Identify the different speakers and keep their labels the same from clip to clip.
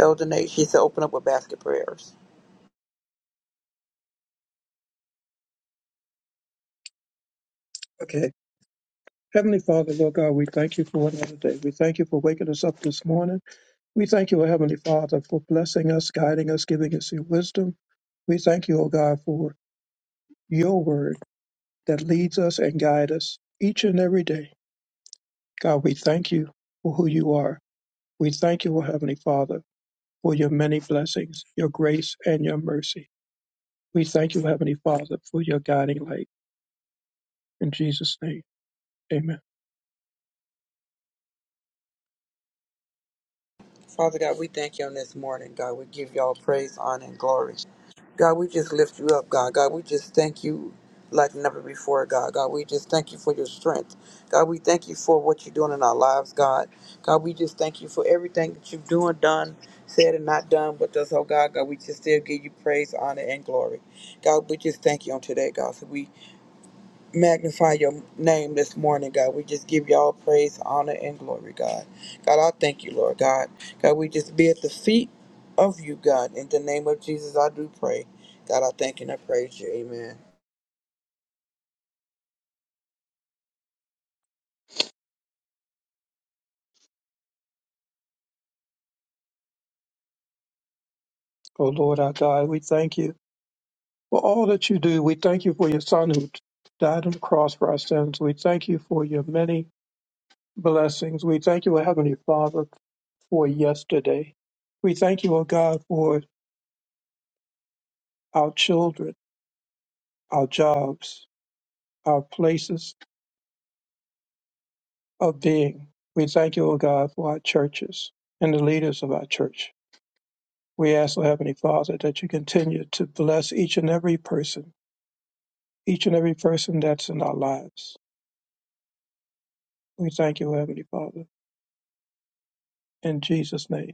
Speaker 1: Elder Nate, she said, open up with basket prayers.
Speaker 2: Okay. Heavenly Father, Lord God, we thank you for another day. We thank you for waking us up this morning. We thank you, O Heavenly Father, for blessing us, guiding us, giving us your wisdom. We thank you, O God, for your word that leads us and guides us each and every day. God, we thank you for who you are. We thank you, O Heavenly Father, for your many blessings, your grace, and your mercy. We thank you, Heavenly Father, for your guiding light. In Jesus' name, amen.
Speaker 1: Father God, we thank you on this morning, God. We give y'all praise, honor, and glory. God, we just lift you up, God. God, we just thank you like never before, God. God, we just thank you for your strength. God, we thank you for what you're doing in our lives, God. God, we just thank you for everything that you've doing, done, said, and not done with us, oh God. God, we just still give you praise, honor, and glory. God, we just thank you on today, God. So we magnify your name this morning, God. We just give you all praise, honor, and glory, God. God, I thank you, Lord God. God, we just be at the feet of you, God. In the name of Jesus, I do pray. God, I thank you and I praise you. Amen.
Speaker 2: O Lord our God, we thank you. For all that you do, we thank you for your Son who died on the cross for our sins. We thank you for your many blessings. We thank you, O Heavenly Father, for yesterday. We thank you, O God, for our children, our jobs, our places of being. We thank you, O God, for our churches and the leaders of our church. We ask, O Heavenly Father, that you continue to bless each and every person, each and every person that's in our lives. We thank you, O Heavenly Father, in Jesus' name.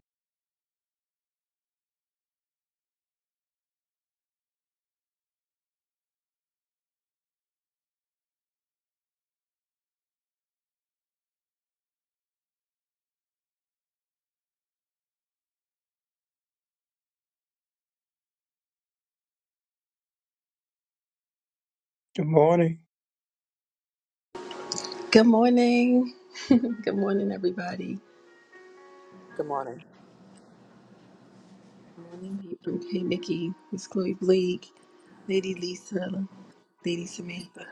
Speaker 2: Good morning.
Speaker 3: Good morning. Good morning, everybody.
Speaker 1: Good morning.
Speaker 3: Good morning, Libram. Hey, Mickey. Miss Chloe Bleak. Lady Lisa. Lady Samantha.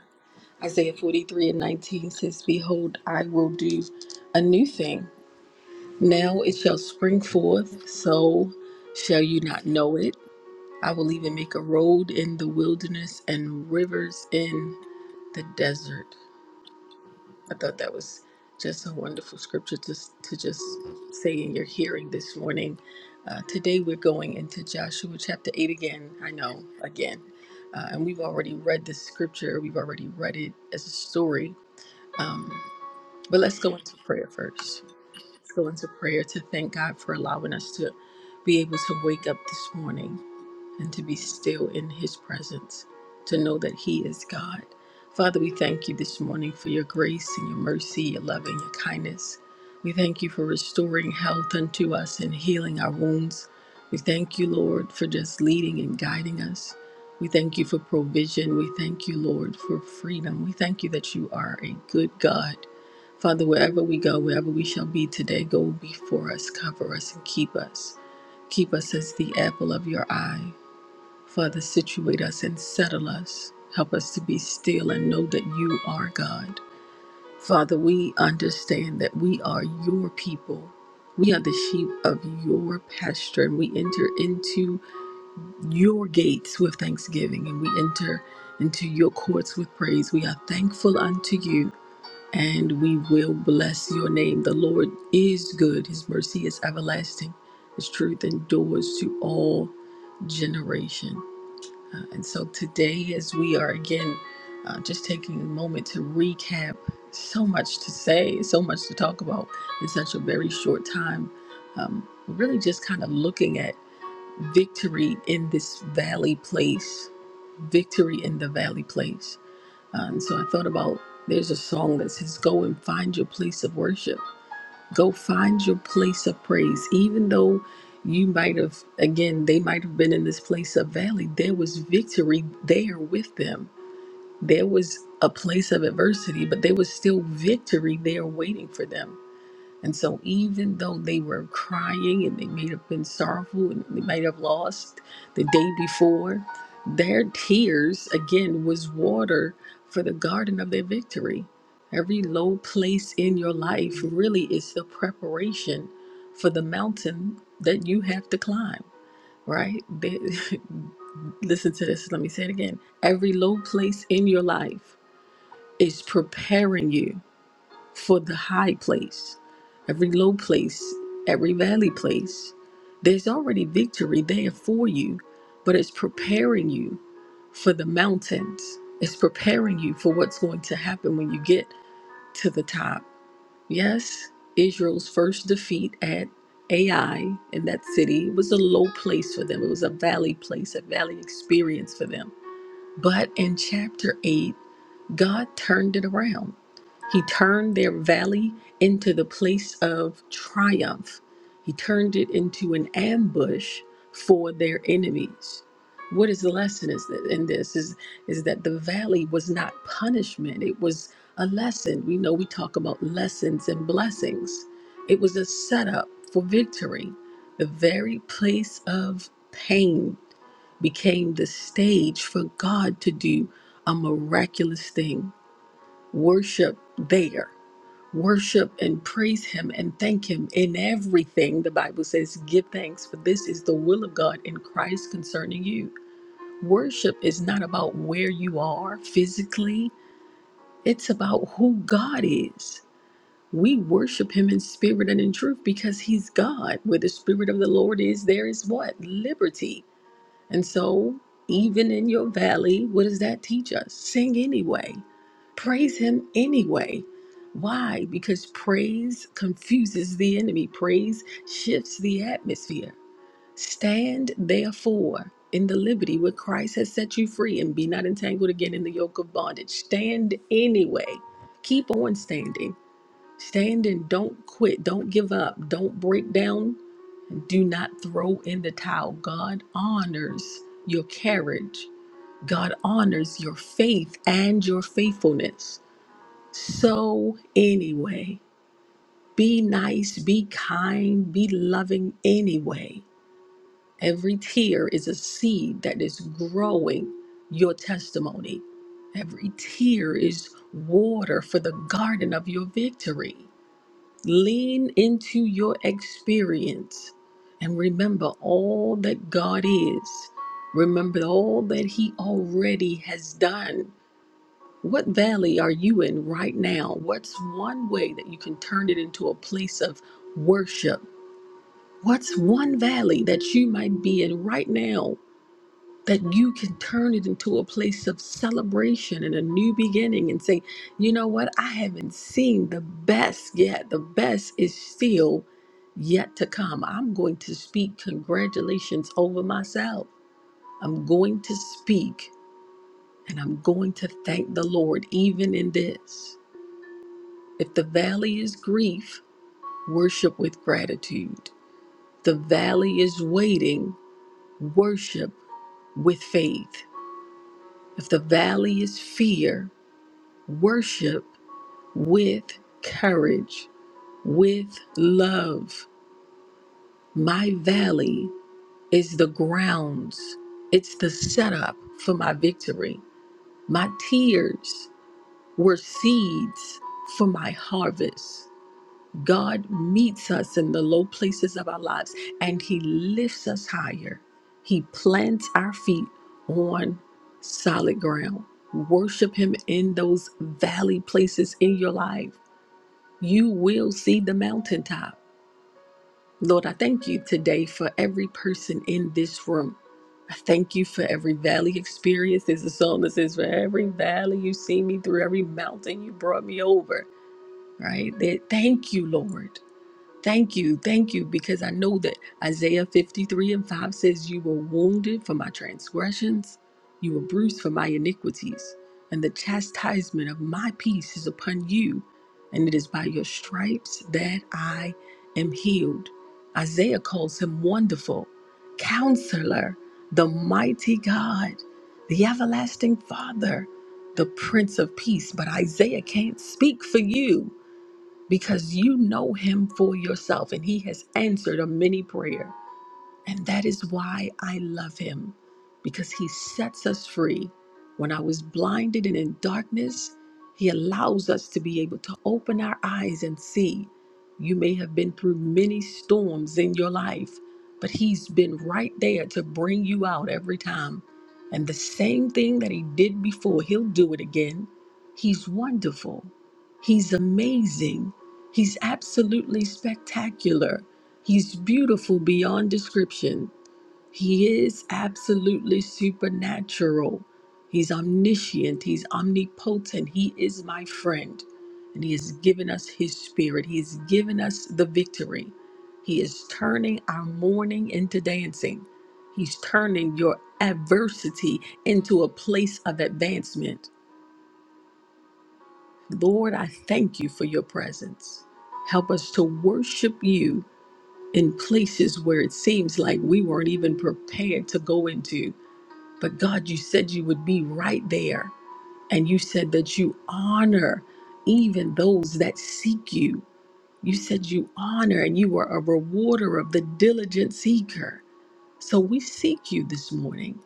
Speaker 3: Isaiah 43 and 19 says, Behold, I will do a new thing. Now it shall spring forth, so shall you not know it. I will even make a road in the wilderness and rivers in the desert. I thought that was just a wonderful scripture to, to just say in your hearing this morning. Uh, today we're going into Joshua chapter 8 again. I know, again. Uh, and we've already read this scripture, we've already read it as a story. Um, but let's go into prayer first. Let's go into prayer to thank God for allowing us to be able to wake up this morning and to be still in His presence, to know that He is God. Father, we thank you this morning for your grace and your mercy, your love and your kindness. We thank you for restoring health unto us and healing our wounds. We thank you, Lord, for just leading and guiding us. We thank you for provision. We thank you, Lord, for freedom. We thank you that you are a good God. Father, wherever we go, wherever we shall be today, go before us, cover us, and keep us. Keep us as the apple of your eye. Father, situate us and settle us. Help us to be still and know that you are God. Father, we understand that we are your people. We are the sheep of your pasture, and we enter into your gates with thanksgiving, and we enter into your courts with praise. We are thankful unto you, and we will bless your name. The Lord is good, his mercy is everlasting, his truth endures to all generation. Uh, and so today, as we are again uh, just taking a moment to recap, so much to say, so much to talk about in such a very short time, um, really just kind of looking at victory in this valley place, victory in the valley place. Uh, and so I thought about there's a song that says, Go and find your place of worship Go find your place of praise. Even though you might have, again, they might have been in this place of valley, there was victory there with them. There was a place of adversity, but there was still victory there waiting for them. And so, even though they were crying and they may have been sorrowful and they might have lost the day before, their tears again was water for the garden of their victory. Every low place in your life really is the preparation for the mountain that you have to climb, right? They- Listen to this. Let me say it again. Every low place in your life is preparing you for the high place, every low place, every valley place. There's already victory there for you, but it's preparing you for the mountains. It's preparing you for what's going to happen when you get to the top. Yes, Israel's first defeat at Ai in that city was a low place for them. It was a valley place, a valley experience for them but in chapter 8, God turned it around. He turned their valley into the place of triumph. He turned it into an ambush for their enemies. What is the lesson is that in this is is that the valley was not punishment. It was a lesson. We know we talk about lessons and blessings. It was a setup for victory. The very place of pain became the stage for God to do a miraculous thing. Worship there. Worship and praise Him and thank Him in everything. The Bible says, give thanks, for this is the will of God in Christ concerning you. Worship is not about where you are physically, it's about who God is. We worship Him in spirit and in truth because He's God. Where the Spirit of the Lord is, there is what? Liberty. And so, even in your valley, what does that teach us? Sing anyway, praise Him anyway. Why? Because praise confuses the enemy, praise shifts the atmosphere. Stand therefore in the liberty where Christ has set you free and be not entangled again in the yoke of bondage. Stand anyway, keep on standing. Stand and don't quit, don't give up, don't break down do not throw in the towel. God honors your courage. God honors your faith and your faithfulness. So, anyway, be nice, be kind, be loving anyway. Every tear is a seed that is growing your testimony. Every tear is water for the garden of your victory. Lean into your experience and remember all that God is. Remember all that He already has done. What valley are you in right now? What's one way that you can turn it into a place of worship? What's one valley that you might be in right now that you can turn it into a place of celebration and a new beginning and say, you know what? I haven't seen the best yet. The best is still yet to come. I'm going to speak congratulations over myself. I'm going to speak and I'm going to thank the Lord even in this. If the valley is grief, worship with gratitude. The valley is waiting, worship with faith. If the valley is fear, worship with courage, with love. My valley is the grounds, it's the setup for my victory. My tears were seeds for my harvest. God meets us in the low places of our lives and He lifts us higher. He plants our feet on solid ground. Worship Him in those valley places in your life you will see the mountaintop. Lord, I thank you today for every person in this room. I thank you for every valley experience. There's a song that says, For every valley you see me through, every mountain you brought me over, right? That- Thank you, Lord. Thank you, thank you, because I know that Isaiah 53 and 5 says, You were wounded for my transgressions, you were bruised for my iniquities, and the chastisement of my peace is upon you, and it is by your stripes that I am healed. Isaiah calls him wonderful, counselor, the mighty God, the everlasting Father, the Prince of Peace. But Isaiah can't speak for you because you know him for yourself and he has answered a mini prayer. And that is why I love him, because he sets us free. When I was blinded and in darkness, he allows us to be able to open our eyes and see. You may have been through many storms in your life, but he's been right there to bring you out every time. And the same thing that he did before, he'll do it again. He's wonderful. He's amazing. He's absolutely spectacular. He's beautiful beyond description. He is absolutely supernatural. He's omniscient. He's omnipotent. He is my friend. And He has given us His Spirit. He has given us the victory. He is turning our mourning into dancing. He's turning your adversity into a place of advancement. Lord, I thank you for your presence. Help us to worship you in places where it seems like we weren't even prepared to go into. But God, you said you would be right there. And you said that you honor even those that seek you. You said you honor and you are a rewarder of the diligent seeker. So we seek you this morning.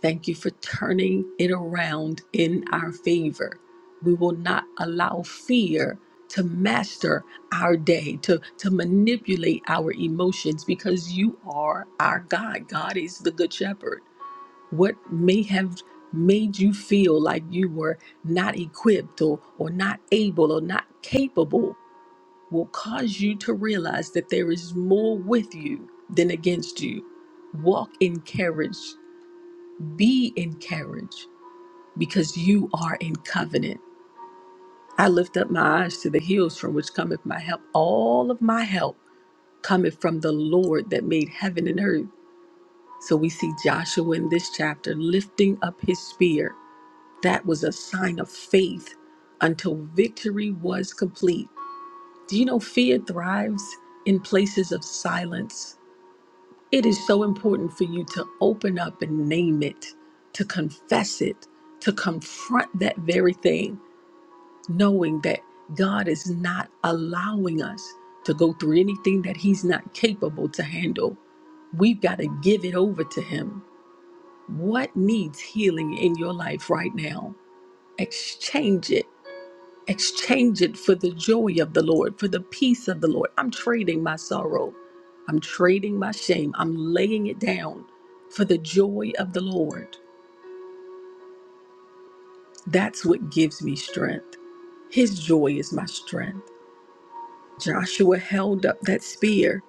Speaker 3: Thank you for turning it around in our favor. We will not allow fear to master our day, to, to manipulate our emotions, because you are our God. God is the Good Shepherd. What may have made you feel like you were not equipped or, or not able or not capable will cause you to realize that there is more with you than against you. Walk in courage, be encouraged, because you are in covenant. I lift up my eyes to the hills from which cometh my help. All of my help cometh from the Lord that made heaven and earth. So we see Joshua in this chapter lifting up his spear. That was a sign of faith until victory was complete. Do you know fear thrives in places of silence? It is so important for you to open up and name it, to confess it, to confront that very thing, knowing that God is not allowing us to go through anything that He's not capable to handle. We've got to give it over to Him. What needs healing in your life right now? Exchange it Exchange it for the joy of the Lord, for the peace of the Lord. I'm trading my sorrow. I'm trading my shame. I'm laying it down for the joy of the Lord. That's what gives me strength. His joy is my strength. Joshua held up that spear.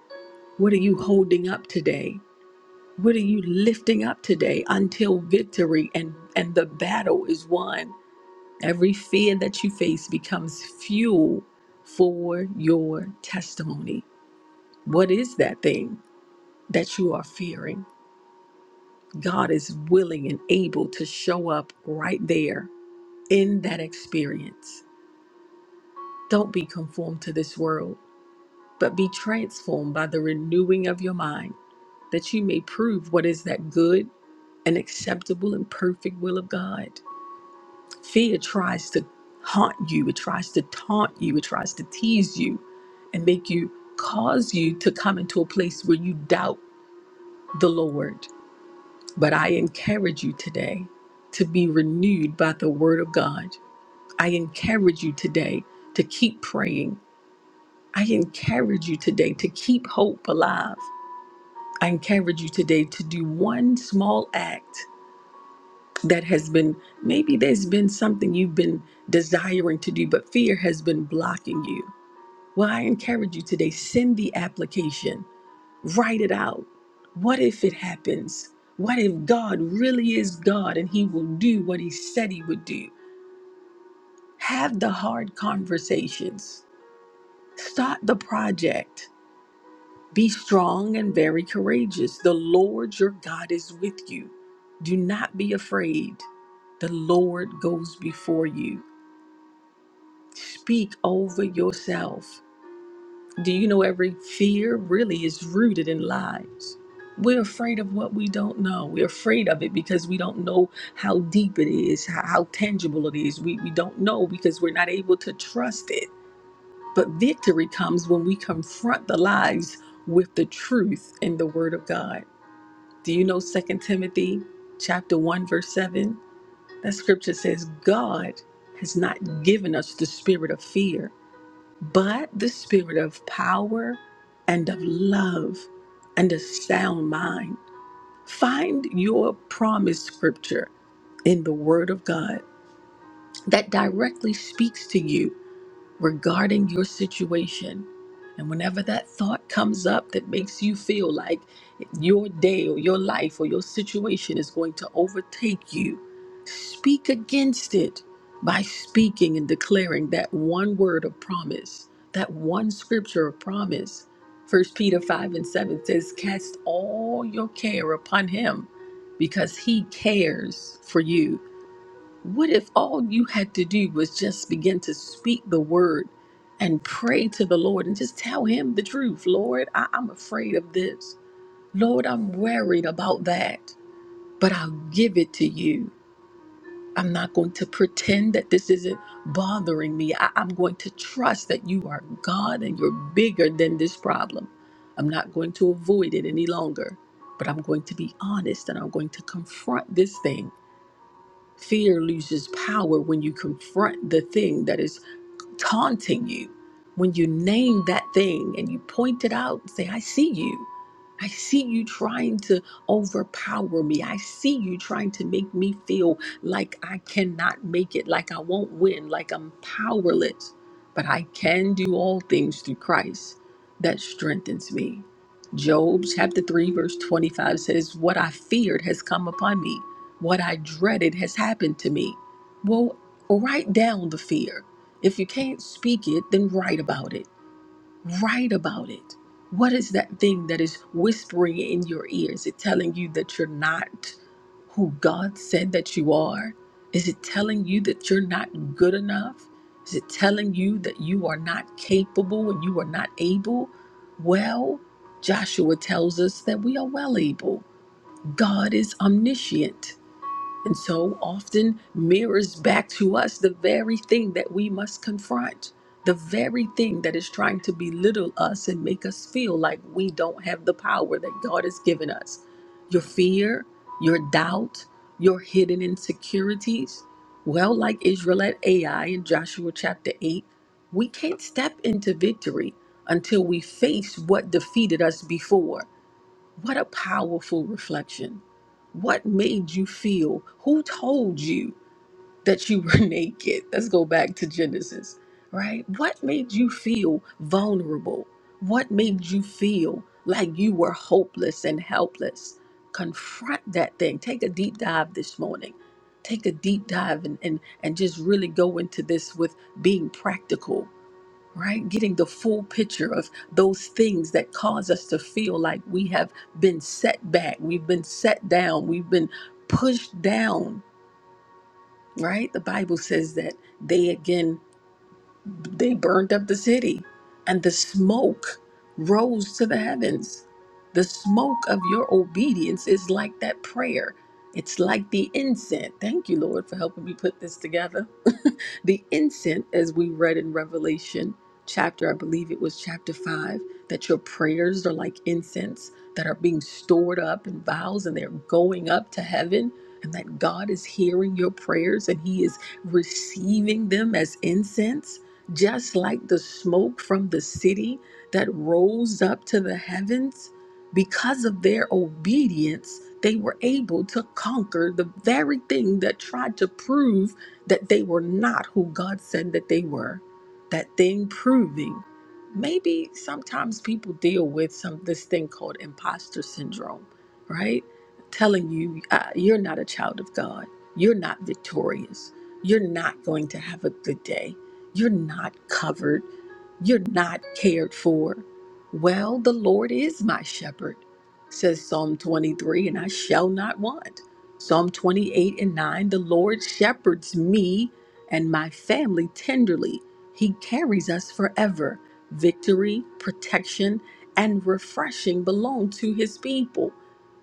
Speaker 3: What are you holding up today? What are you lifting up today until victory and, and the battle is won? Every fear that you face becomes fuel for your testimony. What is that thing that you are fearing? God is willing and able to show up right there in that experience. Don't be conformed to this world, but be transformed by the renewing of your mind, that you may prove what is that good and acceptable and perfect will of God. Fear tries to haunt you, it tries to taunt you, it tries to tease you and make you cause you to come into a place where you doubt the Lord But I encourage you today to be renewed by the Word of God. I encourage you today to keep praying. I encourage you today to keep hope alive. I encourage you today to do one small act that has been, maybe there's been something you've been desiring to do, but fear has been blocking you. Well, I encourage you today, send the application Write it out. What if it happens? What if God really is God and He will do what He said He would do? Have the hard conversations. Start the project. Be strong and very courageous. The Lord your God is with you. Do not be afraid. The Lord goes before you. Speak over yourself. Do you know every fear really is rooted in lies? We're afraid of what we don't know. We're afraid of it because we don't know how deep it is, how, how tangible it is. We, we don't know because we're not able to trust it. But victory comes when we confront the lies with the truth in the Word of God. Do you know Second Timothy chapter 1, verse 7? That scripture says, God has not given us the spirit of fear, but the spirit of power and of love and a sound mind. Find your promise scripture in the Word of God that directly speaks to you regarding your situation. And whenever that thought comes up that makes you feel like your day or your life or your situation is going to overtake you, speak against it by speaking and declaring that one word of promise, that one scripture of promise. First Peter 5 and 7 says, Cast all your care upon him because he cares for you. What if all you had to do was just begin to speak the word and pray to the Lord and just tell him the truth? Lord, I- am afraid of this. Lord, I'm worried about that, but I'll give it to you. I'm not going to pretend that this isn't bothering me. I- I'm going to trust that you are God and you're bigger than this problem. I'm not going to avoid it any longer, but I'm going to be honest and I'm going to confront this thing Fear loses power when you confront the thing that is taunting you, when you name that thing and you point it out and say, I see you. I see you trying to overpower me. I see you trying to make me feel like I cannot make it, like I won't win, like I'm powerless. But I can do all things through Christ that strengthens me. Job chapter 3, verse 25 says, What I feared has come upon me, what I dreaded has happened to me. Well, write down the fear if you can't speak it, then write about it. Write about it. What is that thing that is whispering in your ear? Is it telling you that you're not who God said that you are? Is it telling you that you're not good enough? Is it telling you that you are not capable and you are not able? Well, Joshua tells us that we are well able. God is omniscient and so often mirrors back to us the very thing that we must confront, the very thing that is trying to belittle us and make us feel like we don't have the power that God has given us. Your fear, your doubt, your hidden insecurities. Well, like Israel at Ai in Joshua chapter 8, we can't step into victory until we face what defeated us before. What a powerful reflection. What made you feel? Who told you that you were naked? Let's go back to Genesis, right? What made you feel vulnerable? What made you feel like you were hopeless and helpless? Confront that thing. Take a deep dive this morning. Take a deep dive and, and, and just really go into this with being practical right? Getting the full picture of those things that cause us to feel like we have been set back, we've been set down, we've been pushed down, right? The Bible says that they again they burned up the city, and the smoke rose to the heavens. The smoke of your obedience is like that prayer. It's like the incense. Thank you, Lord, for helping me put this together. the incense, as we read in Revelation chapter, I believe it was chapter five, that your prayers are like incense that are being stored up in vows and they're going up to heaven, and that God is hearing your prayers and He is receiving them as incense just like the smoke from the city that rose up to the heavens, because of their obedience, they were able to conquer the very thing that tried to prove that they were not who God said that they were. That thing proving. Maybe sometimes people deal with some this thing called imposter syndrome, right? Telling you uh, you're not a child of God, you're not victorious, you're not going to have a good day you're not covered. You're not cared for. Well, the Lord is my shepherd, says Psalm 23, and I shall not want. Psalm 28 and 9 The Lord shepherds me and my family tenderly. He carries us forever. Victory, protection, and refreshing belong to his people,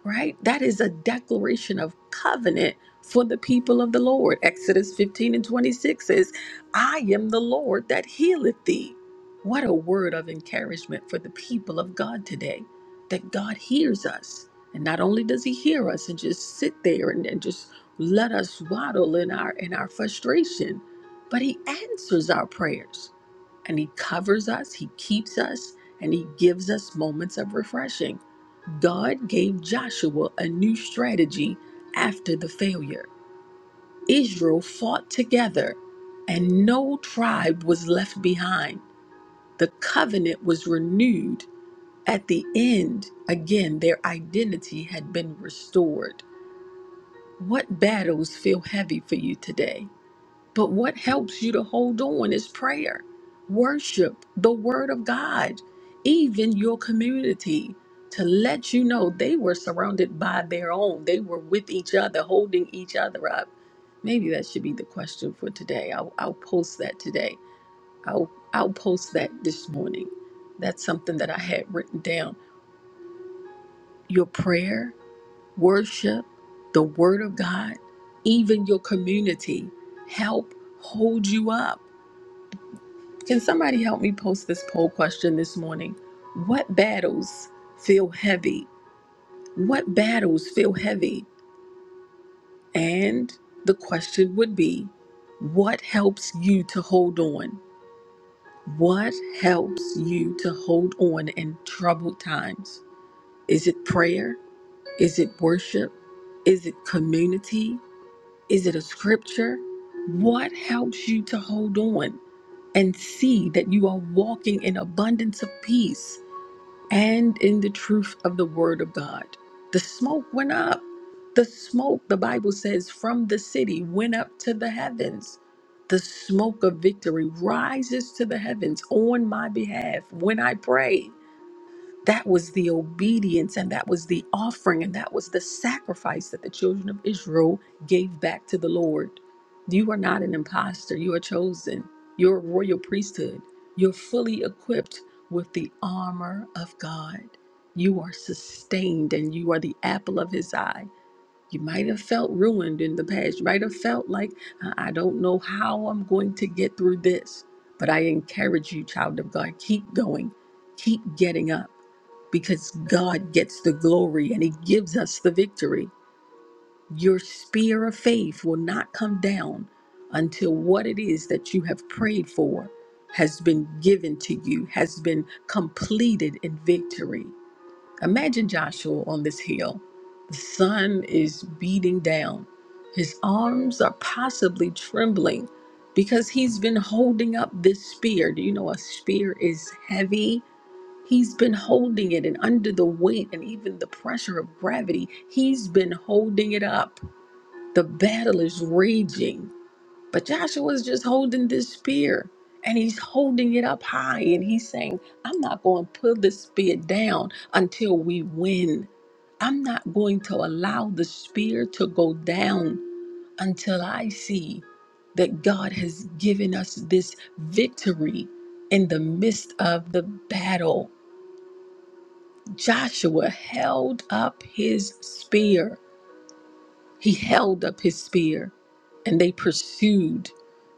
Speaker 3: right? That is a declaration of covenant for the people of the Lord. Exodus 15 and 26 says, I am the Lord that healeth thee. What a word of encouragement for the people of God today that God hears us. And not only does he hear us and just sit there and, and just let us waddle in our in our frustration, but he answers our prayers and he covers us, he keeps us, and he gives us moments of refreshing. God gave Joshua a new strategy after the failure. Israel fought together, and no tribe was left behind. The covenant was renewed. At the end, again, their identity had been restored. What battles feel heavy for you today? But what helps you to hold on is prayer, worship, the word of God, even your community to let you know they were surrounded by their own. They were with each other, holding each other up. Maybe that should be the question for today. I'll, I'll post that today. I'll, I'll post that this morning. That's something that I had written down. Your prayer, worship, the word of God, even your community help hold you up Can somebody help me post this poll question this morning? What battles feel heavy? What battles feel heavy? And the question would be what helps you to hold on? What helps you to hold on in troubled times? Is it prayer? Is it worship? Is it community? Is it a scripture? What helps you to hold on and see that you are walking in abundance of peace? and in the truth of the word of God. The smoke went up. The smoke, the Bible says, from the city went up to the heavens. The smoke of victory rises to the heavens on my behalf when I pray. That was the obedience and that was the offering and that was the sacrifice that the children of Israel gave back to the Lord. You are not an imposter. You are chosen. You're a royal priesthood. You're fully equipped with the armor of God. You are sustained and you are the apple of his eye. You might have felt ruined in the past. You might have felt like, I I don't know how I'm going to get through this. But I encourage you, child of God, keep going, keep getting up because God gets the glory and He gives us the victory. Your spear of faith will not come down until what it is that you have prayed for has been given to you, has been completed in victory. Imagine Joshua on this hill. The sun is beating down. His arms are possibly trembling because he's been holding up this spear. Do you know a spear is heavy? He's been holding it, and under the weight and even the pressure of gravity, he's been holding it up. The battle is raging. But Joshua is just holding this spear and he's holding it up high and he's saying, I'm not going to put this spear down until we win. I'm not going to allow the spear to go down until I see that God has given us this victory in the midst of the battle. Joshua held up his spear he held up his spear and they pursued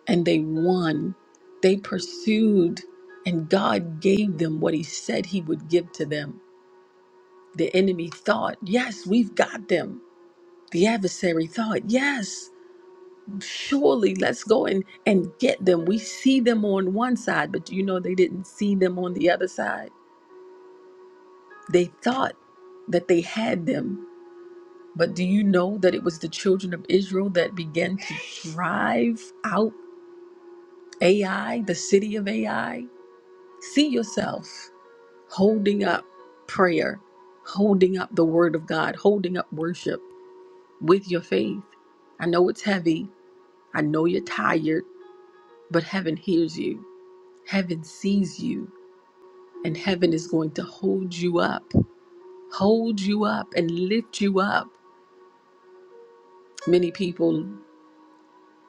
Speaker 3: and they won. They pursued and God gave them what he said he would give to them. The enemy thought, yes, we've got them. The adversary thought, yes, surely let's go and, and get them. We see them on one side, but you know they didn't see them on the other side. They thought that they had them. But do you know that it was the children of Israel that began to drive out? AI, the city of AI, see yourself holding up prayer, holding up the word of God, holding up worship with your faith. I know it's heavy. I know you're tired, but heaven hears you. Heaven sees you, and heaven is going to hold you up, hold you up, and lift you up. Many people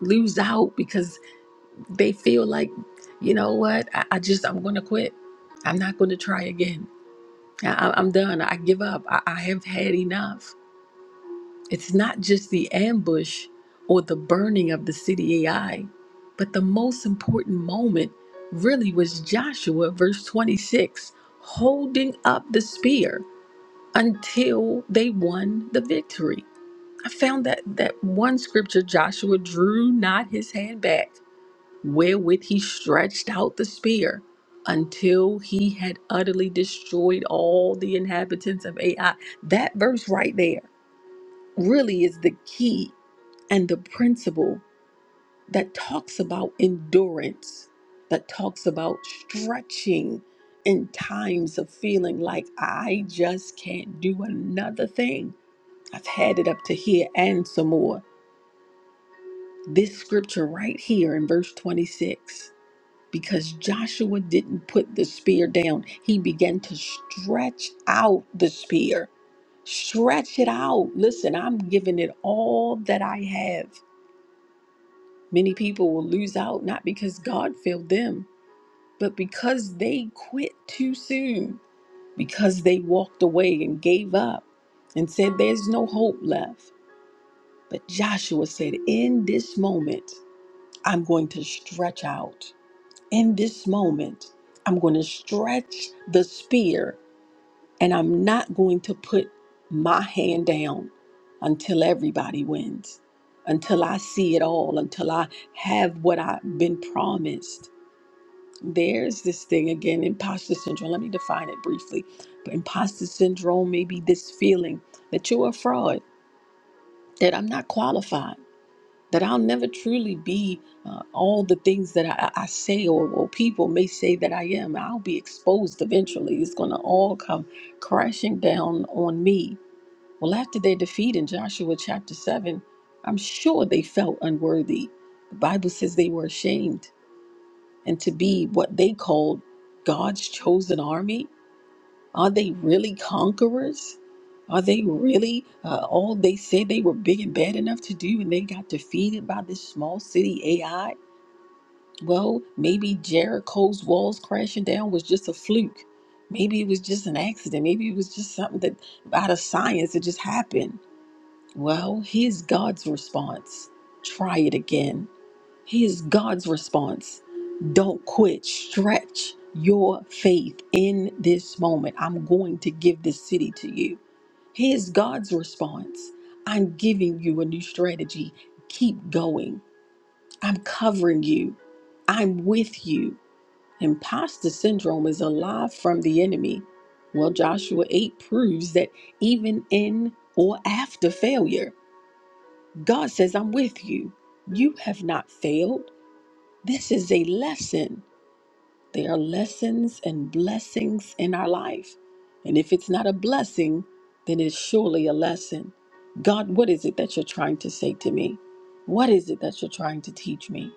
Speaker 3: lose out because they feel like, you know what, I, I just, I'm going to quit. I'm not going to try again. I, I- I'm done. I give up. I, I have had enough. It's not just the ambush or the burning of the city AI, but the most important moment really was Joshua, verse 26, holding up the spear until they won the victory. I found that that one scripture Joshua drew not his hand back wherewith he stretched out the spear until he had utterly destroyed all the inhabitants of Ai. That verse right there really is the key and the principle that talks about endurance, that talks about stretching in times of feeling like I just can't do another thing. I've had it up to here and some more. This scripture right here in verse 26 because Joshua didn't put the spear down. He began to stretch out the spear. Stretch it out. Listen, I'm giving it all that I have. Many people will lose out not because God failed them, but because they quit too soon, because they walked away and gave up and said, There's no hope left. But Joshua said, In this moment, I'm going to stretch out. in this moment, I'm going to stretch the spear and I'm not going to put my hand down until everybody wins, until I see it all, until I have what I've been promised. There's this thing again, imposter syndrome. Let me define it briefly. But imposter syndrome may be this feeling that you're a fraud, that I'm not qualified that I'll never truly be uh, all the things that I, I say or, or people may say that I am. I'll be exposed eventually. It's going to all come crashing down on me. Well, after their defeat in Joshua chapter 7, I'm sure they felt unworthy. The Bible says they were ashamed and to be what they called God's chosen army are they really conquerors? Are they really uh, all they said they were big and bad enough to do and they got defeated by this small city AI? Well, maybe Jericho's walls crashing down was just a fluke. Maybe it was just an accident. Maybe it was just something that out of science it just happened. Well, here's God's response try it again. He God's response. Don't quit. Stretch your faith in this moment. I'm going to give this city to you. Here's God's response. I'm giving you a new strategy. Keep going. I'm covering you. I'm with you. Imposter syndrome is alive from the enemy. Well, Joshua 8 proves that even in or after failure, God says, I'm with you. You have not failed. This is a lesson. There are lessons and blessings in our life. And if it's not a blessing, then it's surely a lesson. God, what is it that you're trying to say to me? What is it that you're trying to teach me?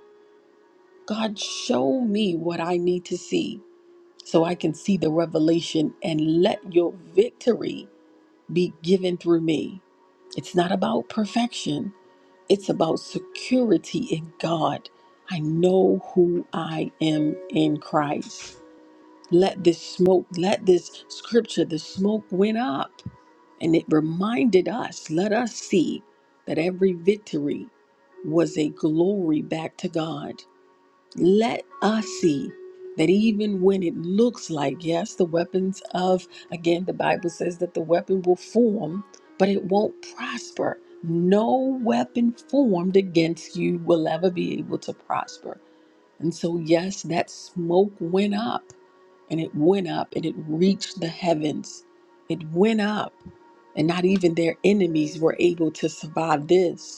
Speaker 3: God, show me what I need to see so I can see the revelation and let your victory be given through me. It's not about perfection. It's about security in God. I know who I am in Christ. Let this smoke, let this scripture, the smoke went up. And it reminded us, let us see that every victory was a glory back to God let us see that even when it looks like, yes, the weapons of, again, the Bible says that the weapon will form, but it won't prosper. No weapon formed against you will ever be able to prosper. And so, yes, that smoke went up and it went up and it reached the heavens. It went up, and not even their enemies were able to survive this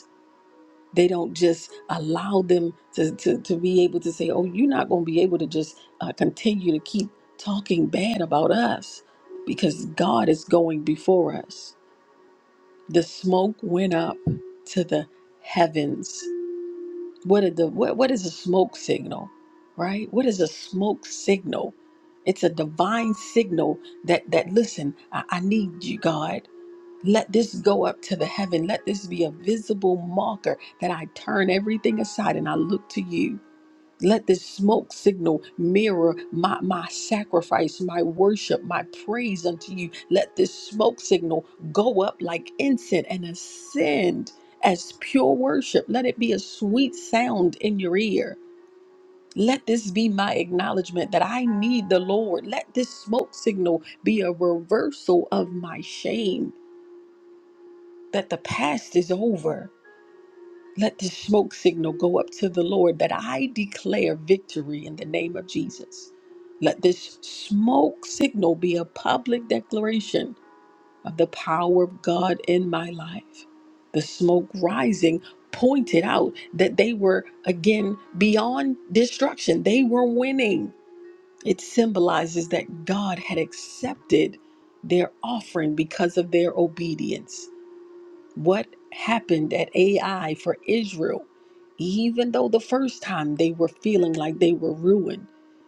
Speaker 3: they don't just allow them to, to, to be able to say, oh, you're not going to be able to just uh, continue to keep talking bad about us because God is going before us. The smoke went up to the heavens. What, are the, what, what is a smoke signal, right? What is a smoke signal? It's a divine signal that, that listen, I, I need you, God. Let this go up to the heaven. Let this be a visible marker that I turn everything aside and I look to you. Let this smoke signal mirror my, my sacrifice, my worship, my praise unto you. Let this smoke signal go up like incense and ascend as pure worship. Let it be a sweet sound in your ear. Let this be my acknowledgement that I need the Lord. Let this smoke signal be a reversal of my shame that the past is over. Let this smoke signal go up to the Lord that I declare victory in the name of Jesus. Let this smoke signal be a public declaration of the power of God in my life. The smoke rising pointed out that they were again beyond destruction, they were winning. It symbolizes that God had accepted their offering because of their obedience what happened at AI for Israel, even though the first time they were feeling like they were ruined,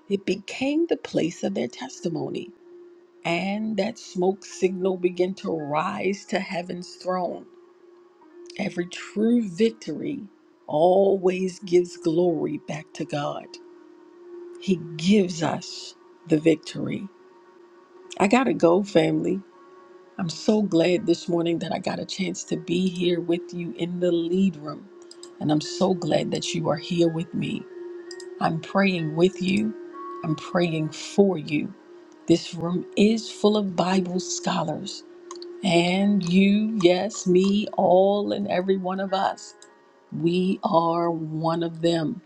Speaker 3: it became the place of their testimony. And that smoke signal began to rise to heaven's throne. Every true victory always gives glory back to God. He gives us the victory. I gotta go, family. I'm so glad this morning that I got a chance to be here with you in the lead room. And I'm so glad that you are here with me. I'm praying with you, I'm praying for you. This room is full of Bible scholars. And you, yes, me, all and every one of us, we are one of them.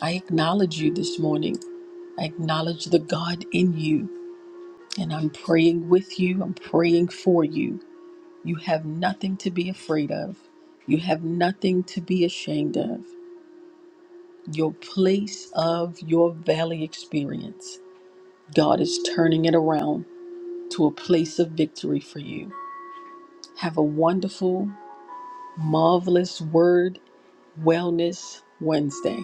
Speaker 3: I acknowledge you this morning. I acknowledge the God in you. And I'm praying with you, I'm praying for you. You have nothing to be afraid of. You have nothing to be ashamed of. Your place of your valley experience, God is turning it around to a place of victory for you. Have a wonderful, marvelous Word Wellness Wednesday.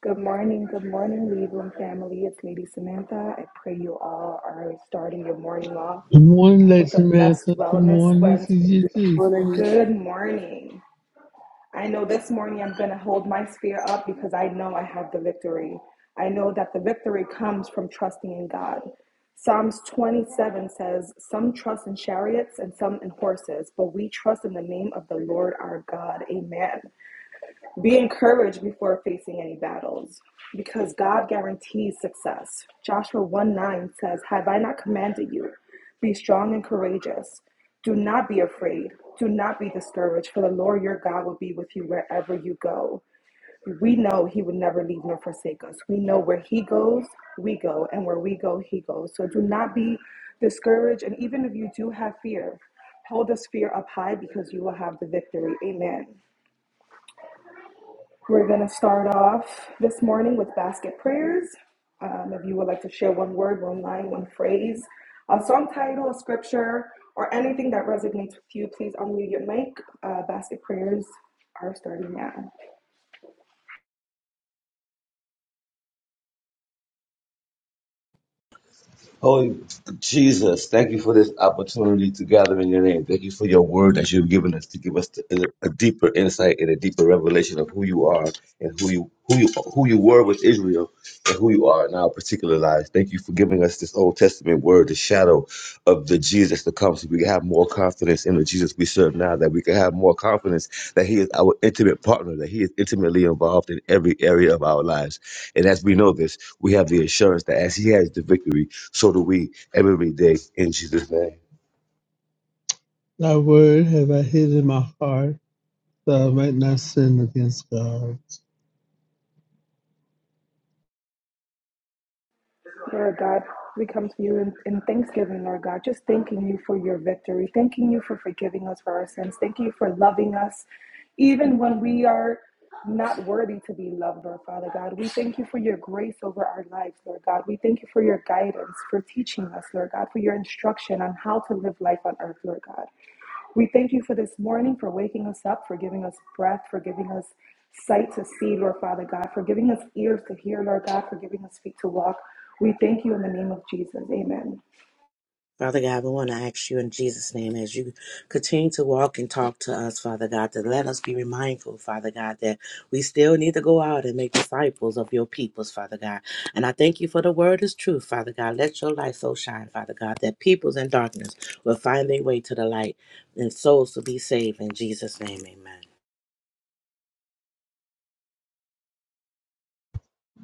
Speaker 4: Good morning, good morning, Lead Room family. It's Lady Samantha. I pray you all are starting your morning off
Speaker 5: Good morning, Lady
Speaker 4: with a blessed
Speaker 5: Samantha. Good
Speaker 4: Wellness
Speaker 5: morning to
Speaker 4: Wednesday.
Speaker 5: you too.
Speaker 1: Good morning, Thank
Speaker 4: Good morning. I know this morning I'm going to hold my spear up because I know I have the victory. I know that the victory comes from trusting in God. Psalms 27 says, Some trust in chariots and some in horses, but we trust in the name of the Lord our God. Amen. Be encouraged before facing any battles because God guarantees success. Joshua 1 9 says, Have I not commanded you? Be strong and courageous. Do not be afraid. Do not be discouraged, for the Lord your God will be with you wherever you go. We know he would never leave nor forsake us. We know where he goes, we go, and where we go, he goes. So do not be discouraged. And even if you do have fear, hold this fear up high because you will have the victory. Amen. We're going to start off this morning with basket prayers. Um, if you would like to share one word, one line, one phrase, a song title, a scripture, or anything that resonates with you, please unmute your mic. Uh, basket prayers are starting now.
Speaker 6: Holy Jesus, thank you for this opportunity to gather in your name. Thank you for your word that you've given us to give us a, a deeper insight and a deeper revelation of who you are and who you who you who you were with Israel and who you are in our particular lives. Thank you for giving us this Old Testament word, the shadow of the Jesus to come so we can have more confidence in the Jesus we serve now, that we can have more confidence that He is our intimate partner, that He is intimately involved in every area of our lives. And as we know this, we have the assurance that as He has the victory, so do we every day in Jesus' name.
Speaker 5: Thy word have I hid in my heart that I might not sin against God.
Speaker 4: Lord God, we come to you in, in thanksgiving, Lord God, just thanking you for your victory, thanking you for forgiving us for our sins, thank you for loving us, even when we are not worthy to be loved, Lord Father God. We thank you for your grace over our lives, Lord God. We thank you for your guidance, for teaching us, Lord God, for your instruction on how to live life on earth, Lord God. We thank you for this morning, for waking us up, for giving us breath, for giving us sight to see, Lord Father God, for giving us ears to hear, Lord God, for giving us feet to walk. We thank you in the name of Jesus. Amen.
Speaker 7: Father God, we want to ask you in Jesus' name as you continue to walk and talk to us, Father God, to let us be mindful, Father God, that we still need to go out and make disciples of your peoples, Father God. And I thank you for the word is true, Father God. Let your light so shine, Father God, that peoples in darkness will find their way to the light and souls to be saved. In Jesus' name, amen.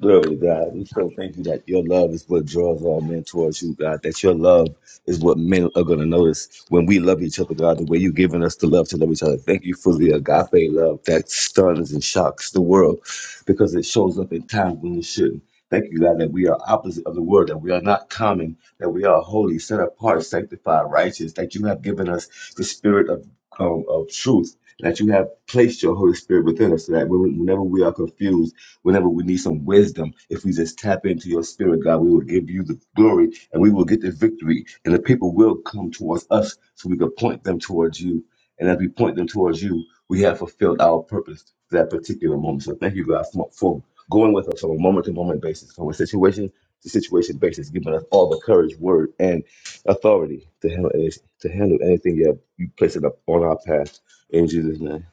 Speaker 6: Glory to God. We so thank you that your love is what draws all men towards you, God. That your love is what men are going to notice when we love each other, God, the way you've given us the love to love each other. Thank you for the agape love that stuns and shocks the world because it shows up in times when it shouldn't. Thank you, God, that we are opposite of the world, that we are not common, that we are holy, set apart, sanctified, righteous, that you have given us the spirit of, um, of truth, that you have placed your Holy Spirit within us, so that when- whenever we are confused, whenever we need some wisdom, if we just tap into your spirit, God, we will give you the glory and we will get the victory. And the people will come towards us so we can point them towards you. And as we point them towards you, we have fulfilled our purpose for that particular moment. So thank you, God, for, for going with us on a moment to moment basis, from a situation to situation basis, giving us all the courage, word, and authority to handle any, to handle anything you, have, you place it up on our path. In Jesus' name.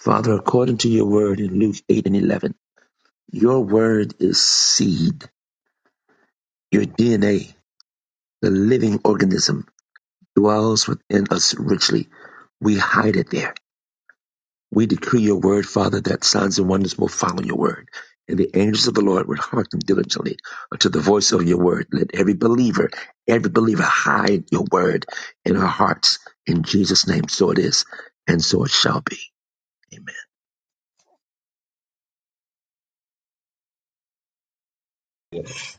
Speaker 8: Father, according to your word in Luke 8 and 11, your word is seed. Your DNA, the living organism, dwells within us richly. We hide it there. We decree your word, Father, that signs and wonders will follow your word. And the angels of the Lord will hearken diligently unto the voice of your word. Let every believer, every believer hide your word in our hearts. In Jesus' name, so it is, and so it shall be. Amen.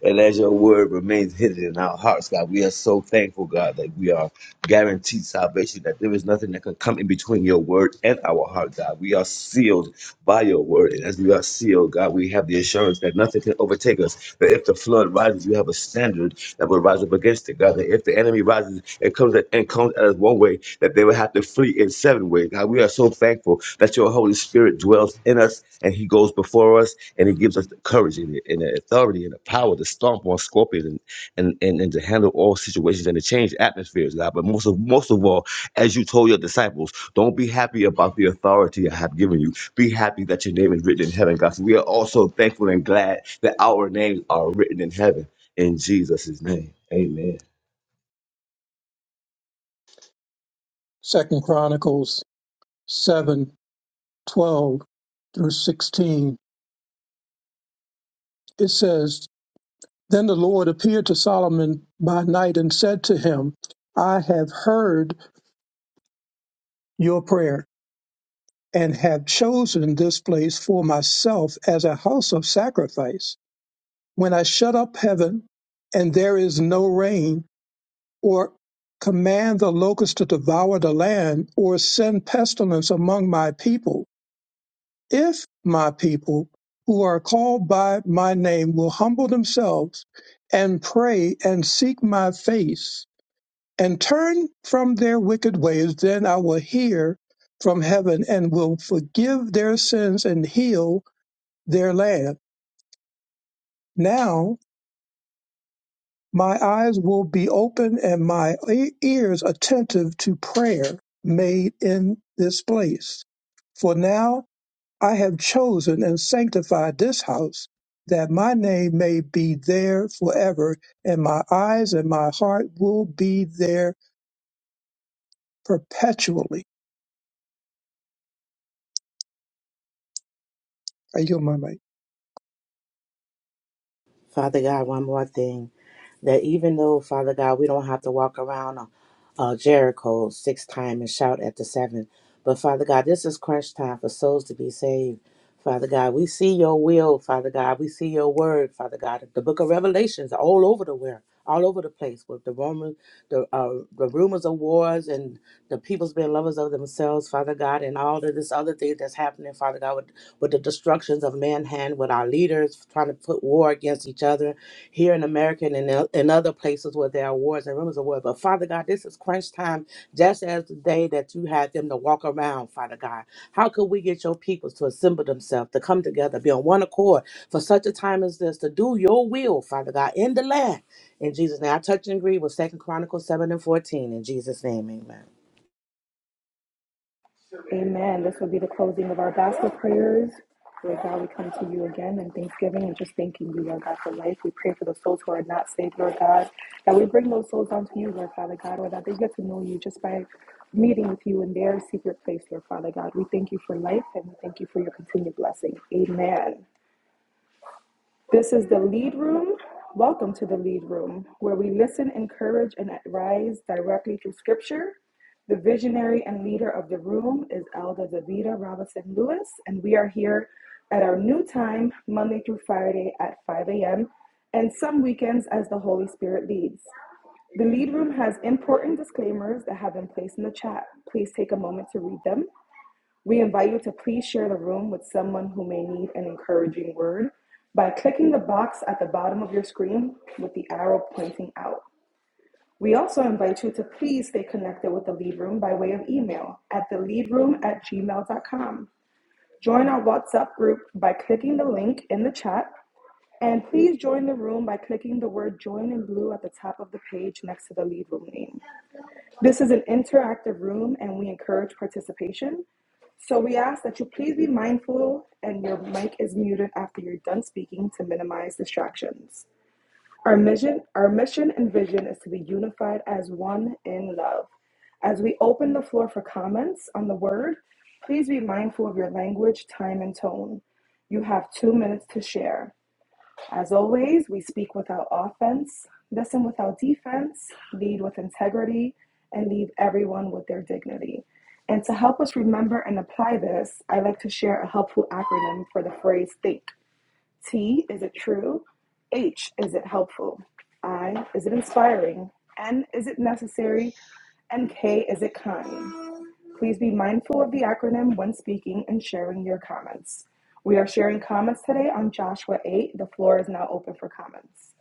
Speaker 6: And as your word remains hidden in our hearts, God, we are so thankful, God, that we are guaranteed salvation, that there is nothing that can come in between your word and our heart, God. We are sealed by your word. And as we are sealed, God, we have the assurance that nothing can overtake us. That if the flood rises, because you have a standard that will rise up against it, God. That if the enemy rises and comes at, and comes at us one way, that they will have to flee in seven ways. God, we are so thankful that your Holy Spirit dwells in us and he goes before us and he gives us the courage and the, and the authority and the power to stomp on scorpions and, and, and, and to handle all situations and to change atmospheres, God. But most of most of all, as you told your disciples, don't be happy about the authority I have given you be happy that your name is written in heaven, God. So we are also thankful and glad that our names are written in heaven. In Jesus' name, amen.
Speaker 2: Second Chronicles 7:12 through 16. It says, Then the Lord appeared to Solomon by night and said to him, I have heard your prayer and have chosen this place for myself as a house of sacrifice. When I shut up heaven and there is no rain, or command the locusts to devour the land, or send pestilence among my people, If my people who are called by my name will humble themselves and pray and seek my face and turn from their wicked ways, then I will hear from heaven and will forgive their sins and heal their land. Now my eyes will be open and my e- ears attentive to prayer made in this place. For now I have chosen and sanctified this house that my name may be there forever, and my eyes and my heart will be there perpetually. I yield my mic.
Speaker 7: Father God, one more thing that even though, Father God, we don't have to walk around uh, uh, Jericho six times and shout at the seven, but Father God, this is crunch time for souls to be saved. Father God, we see your will, Father God. We see your word, Father God. The book of Revelations are all over the where, all over the place with the Roman, the uh, the rumors of wars and the people's being lovers of themselves, Father God, and all of this other thing that's happening, Father God, with the destructions of mankind, with our leaders trying to put war against each other here in America and in, o- in other places where there are wars and rumors of war. But Father God, this is crunch time, just as the day that you had them to walk around, Father God. How could we get your peoples to assemble themselves, to come together, be on one accord for such a time as this, to do your will, Father God, in the land? In Jesus' name, I touch and agree with Second Chronicles 7 and 14. In Jesus' name, amen.
Speaker 4: Amen. This will be the closing of our basket prayers. Lord God, we come to you again in thanksgiving and just thanking you, Lord God, for life. We pray for the souls who are not saved, Lord God, that we bring those souls unto you, Lord Father God, or that they get to know you just by meeting with you in their secret place, Lord Father God. We thank you for life and we thank you for your continued blessing. Amen. This is the Lead Room. Welcome to the Lead Room, where we listen, encourage, and advise directly through Scripture. The visionary and leader of the room is Elda Davida Robinson Lewis, and we are here at our new time, Monday through Friday at 5 a.m., and some weekends as the Holy Spirit leads. The Lead Room has important disclaimers that have been placed in the chat. Please take a moment to read them. We invite you to please share the room with someone who may need an encouraging word by clicking the box at the bottom of your screen with the arrow pointing out. We also invite you to please stay connected with the lead room by way of email at theleadroom at gmail.com. Join our WhatsApp group by clicking the link in the chat. And please join the room by clicking the word join in blue at the top of the page next to the lead room name. This is an interactive room and we encourage participation. So we ask that you please be mindful and your mic is muted after you're done speaking to minimize distractions. Our mission, our mission and vision is to be unified as one in love. As we open the floor for comments on the word, please be mindful of your language, time, and tone. You have two minutes to share. As always, we speak without offense, listen without defense, lead with integrity, and leave everyone with their dignity. And to help us remember and apply this, I like to share a helpful acronym for the phrase think. T, is it true? H, is it helpful? I, is it inspiring? N, is it necessary? And K, is it kind? Please be mindful of the acronym when speaking and sharing your comments. We are sharing comments today on Joshua 8. The floor is now open for comments.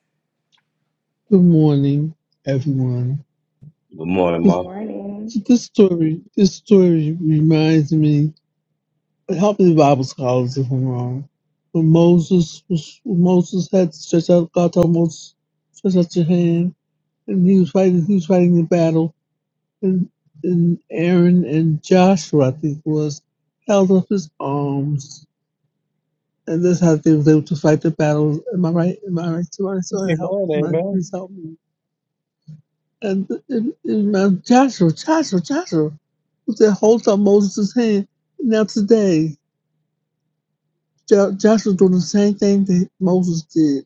Speaker 5: Good morning, everyone.
Speaker 6: Good morning,
Speaker 4: Good
Speaker 5: This,
Speaker 6: Mom.
Speaker 4: morning.
Speaker 5: this story, this story reminds me. Help me, Bible scholars, if I'm wrong. When Moses was, when Moses had to stretch out, God told Moses, stretch out your hand, and he was fighting. He was fighting the battle, and and Aaron and Joshua, I think, it was held up his arms and this is how they was able to fight the battles. Am I right? Am I right? Somebody, somebody help!
Speaker 2: Amen.
Speaker 5: My,
Speaker 2: Amen.
Speaker 5: please help me! And in, in my Joshua, Joshua, Joshua, who said, "Hold up Moses' hand." Now today, Jo- Joshua doing the same thing that Moses did.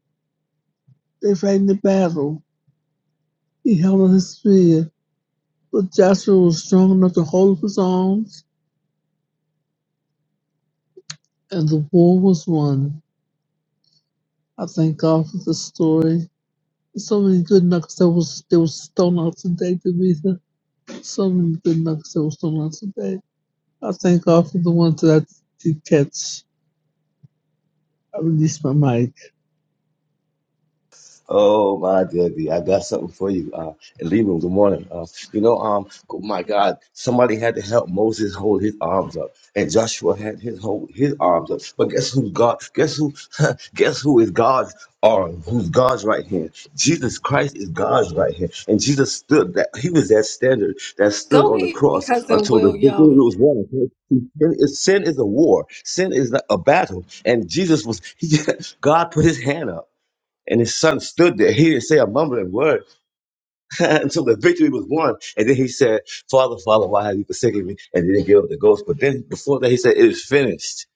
Speaker 5: They fighting the battle. He held on his spear, but Joshua was strong enough to hold up his arms, and the war was won. I thank God for this story. So many good nuggets that was that was thrown out today, Demetha. So many good nuggets I was thrown out today. I thank God for the ones that I did catch. I released my mic.
Speaker 6: Oh my goodness, I got something for you. Uh, and Leroy, good morning. Uh, you know, um, oh my God, somebody had to help Moses hold his arms up, and Joshua had his hold his arms up. But guess who God? Guess who? guess who is God's arm? Who's God's right hand? Jesus Christ is God's right hand, and Jesus stood that He was that standard that stood
Speaker 3: Go
Speaker 6: on the
Speaker 3: ahead,
Speaker 6: cross
Speaker 3: Cousin
Speaker 6: until the victory
Speaker 3: William.
Speaker 6: was won. okay? Sin is, sin is a war. Sin is a battle, and Jesus was. He, God put His hand up. And his son stood there. He didn't say a mumbling word until the victory was won. And then he said, Father, Father, why have you forsaken me? And then he gave up the ghost. But then before that, he said, It is finished.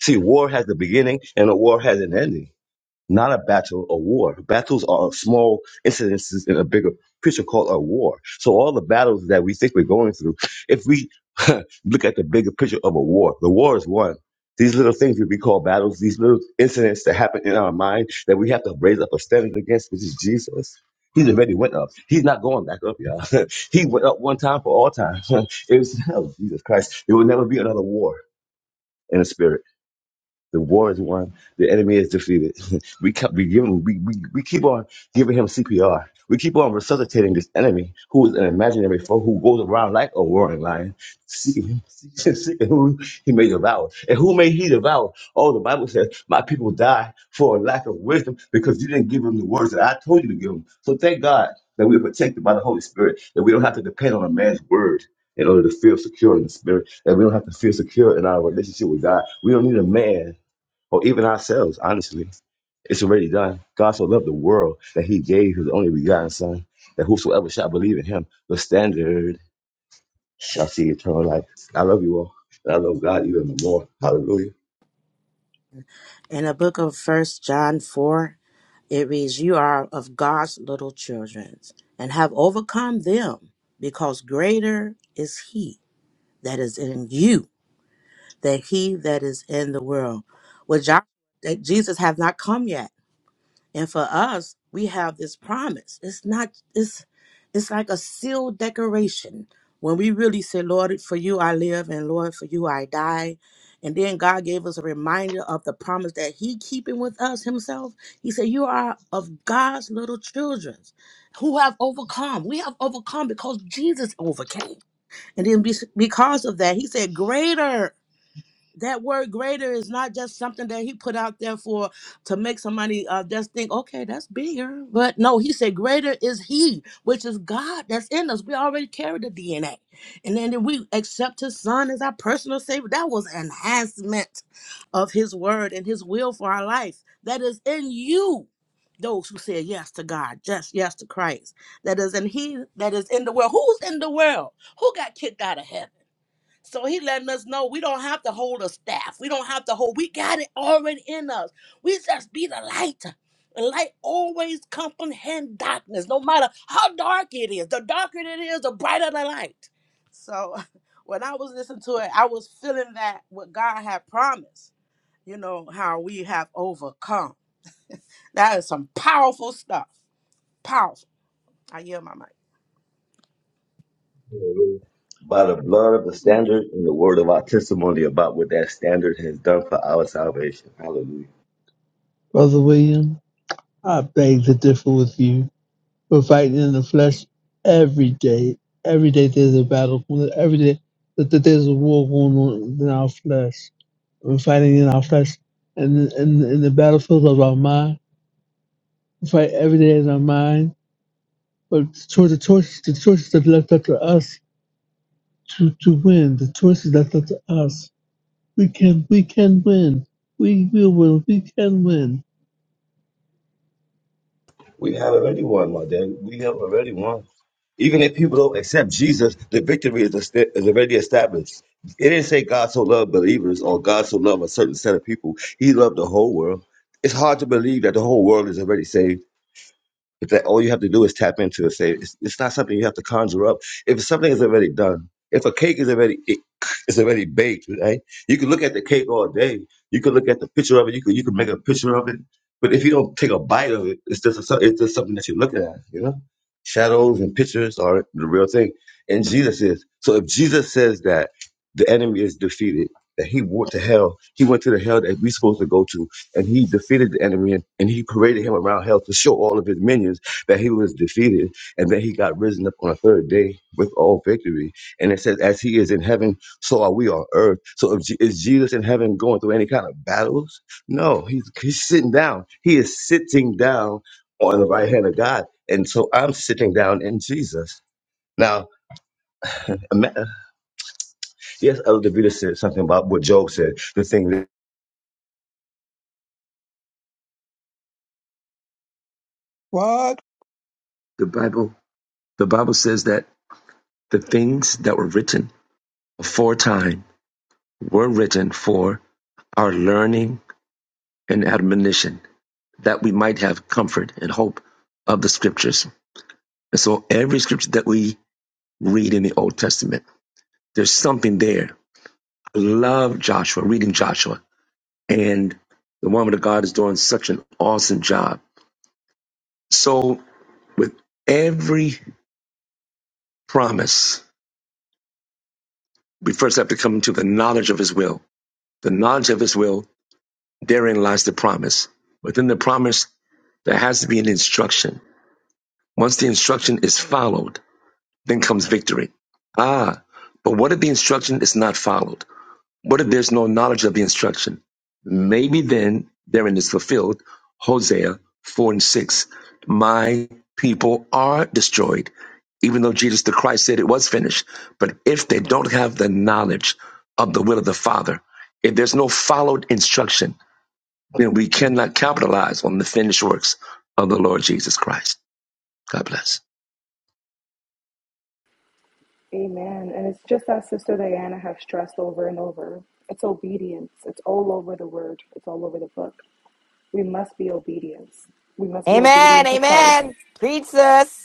Speaker 6: See, war has a beginning and a war has an ending not a battle, a war. Battles are small incidences in a bigger picture called a war. So all the battles that we think we're going through, if we look at the bigger picture of a war, the war is won. These little things that we call battles, these little incidents that happen in our mind that we have to raise up a standard against, which is Jesus. He's already went up. He's not going back up, y'all. he went up one time for all time. it was hell, Jesus Christ. There will never be another war in the spirit. The war is won. The enemy is defeated. we kept, we give him, we, we, we keep on giving him CPR. We keep on resuscitating this enemy who is an imaginary foe who goes around like a roaring lion, seeking, seeking, who he may devour. And who may he devour? Oh, the Bible says, My people die for a lack of wisdom because you didn't give them the words that I told you to give them. So thank God that we are protected by the Holy Spirit, that we don't have to depend on a man's word in order to feel secure in the spirit, that we don't have to feel secure in our relationship with God. We don't need a man or even ourselves, honestly. It's already done. God so loved the world that he gave his only begotten son, that whosoever shall believe in him, the standard shall see eternal life. I love you all. And I love God even more. Hallelujah.
Speaker 7: In the book of First John 4 It reads, You are of God's little children and have overcome them, because greater is He that is in you than He that is in the world. Which Joshua, that Jesus have not come yet. And for us, we have this promise. It's not it's it's like a sealed decoration. When we really say, Lord, for you I live and Lord, for you I die. And then God gave us a reminder of the promise that He keeping with us Himself. He said, You are of God's little children who have overcome. We have overcome because Jesus overcame. And then be- because of that, He said, Greater that word greater is not just something that he put out there for to make somebody uh, just think okay that's bigger but no he said greater is he which is god that's in us we already carry the dna and then we accept his son as our personal savior that was enhancement of his word and his will for our life that is in you those who say yes to god just yes to christ that is in he that is in the world who's in the world who got kicked out of heaven so he letting us know we don't have to hold a staff. We don't have to hold. We got it already in us. We just be the light. The light always comprehend darkness, no matter how dark it is. The darker it is, the brighter the light. So when I was listening to it, I was feeling that what God had promised, you know, how we have overcome. That is some powerful stuff. Powerful. I yield my mic.
Speaker 6: Hallelujah. By the blood of the standard and the word of our testimony about what that standard has done for our salvation. Hallelujah.
Speaker 5: Brother William, I beg to differ with you. We're fighting in the flesh every day. Every day there's a battle. Every day that that there's a war going on in our flesh. We're fighting in our flesh and in, in, in the battlefield of our mind. We fight every day in our mind. But toward the choices, the choices that left up to us to, to win, the choices that left up to us We can, we can win. We will win. We can win.
Speaker 6: We have already won, my dad. We have already won. Even if people don't accept Jesus, the victory is, est- is already established. It didn't say God so loved believers or God so loved a certain set of people. He loved the whole world. It's hard to believe that the whole world is already saved if that all you have to do is tap into it, say it's, it's not something you have to conjure up. If something is already done, if a cake is already it, is already baked, right? You can look at the cake all day. You can look at the picture of it. You can you can make a picture of it. But if you don't take a bite of it, it's just a, so, it's just something that you're looking at. You know, shadows and pictures are the real thing. And Jesus is so. If Jesus says that the enemy is defeated, that he went to hell, he went to the hell that we're supposed to go to and he defeated the enemy and, and he paraded him around hell to show all of his minions that he was defeated and then he got risen up on the third day with all victory and it says as he is in heaven so are we on earth so if, Je- is jesus in heaven going through any kind of battles no he's, he's sitting down he is sitting down on the right hand of god and so i'm sitting down in jesus now ima- yes elder Vita said something about what job said the thing
Speaker 2: What?
Speaker 8: The Bible, the Bible says that the things that were written aforetime were written for our learning and admonition, that we might have comfort and hope of the scriptures. And so every scripture that we read in the Old Testament, there's something there. I love Joshua, reading Joshua. And the woman of God is doing such an awesome job. So with every promise, we first have to come to the knowledge of his will. The knowledge of his will, therein lies the promise. Within the promise, there has to be an instruction Once the instruction is followed, then comes victory. Ah, but what if the instruction is not followed? What if there's no knowledge of the instruction? Maybe then therein is fulfilled Hosea 4 and 6. My people are destroyed, even though Jesus the Christ said it was finished. But if they don't have the knowledge of the will of the Father, if there's no followed instruction, then we cannot capitalize on the finished works of the Lord Jesus Christ. God bless.
Speaker 4: Amen. And it's just as Sister Diana has stressed over and over it's obedience. It's all over the word, it's all over the book. We must be obedient. We must be
Speaker 9: Amen.
Speaker 4: obedient to Christ.
Speaker 9: Amen. Preach us.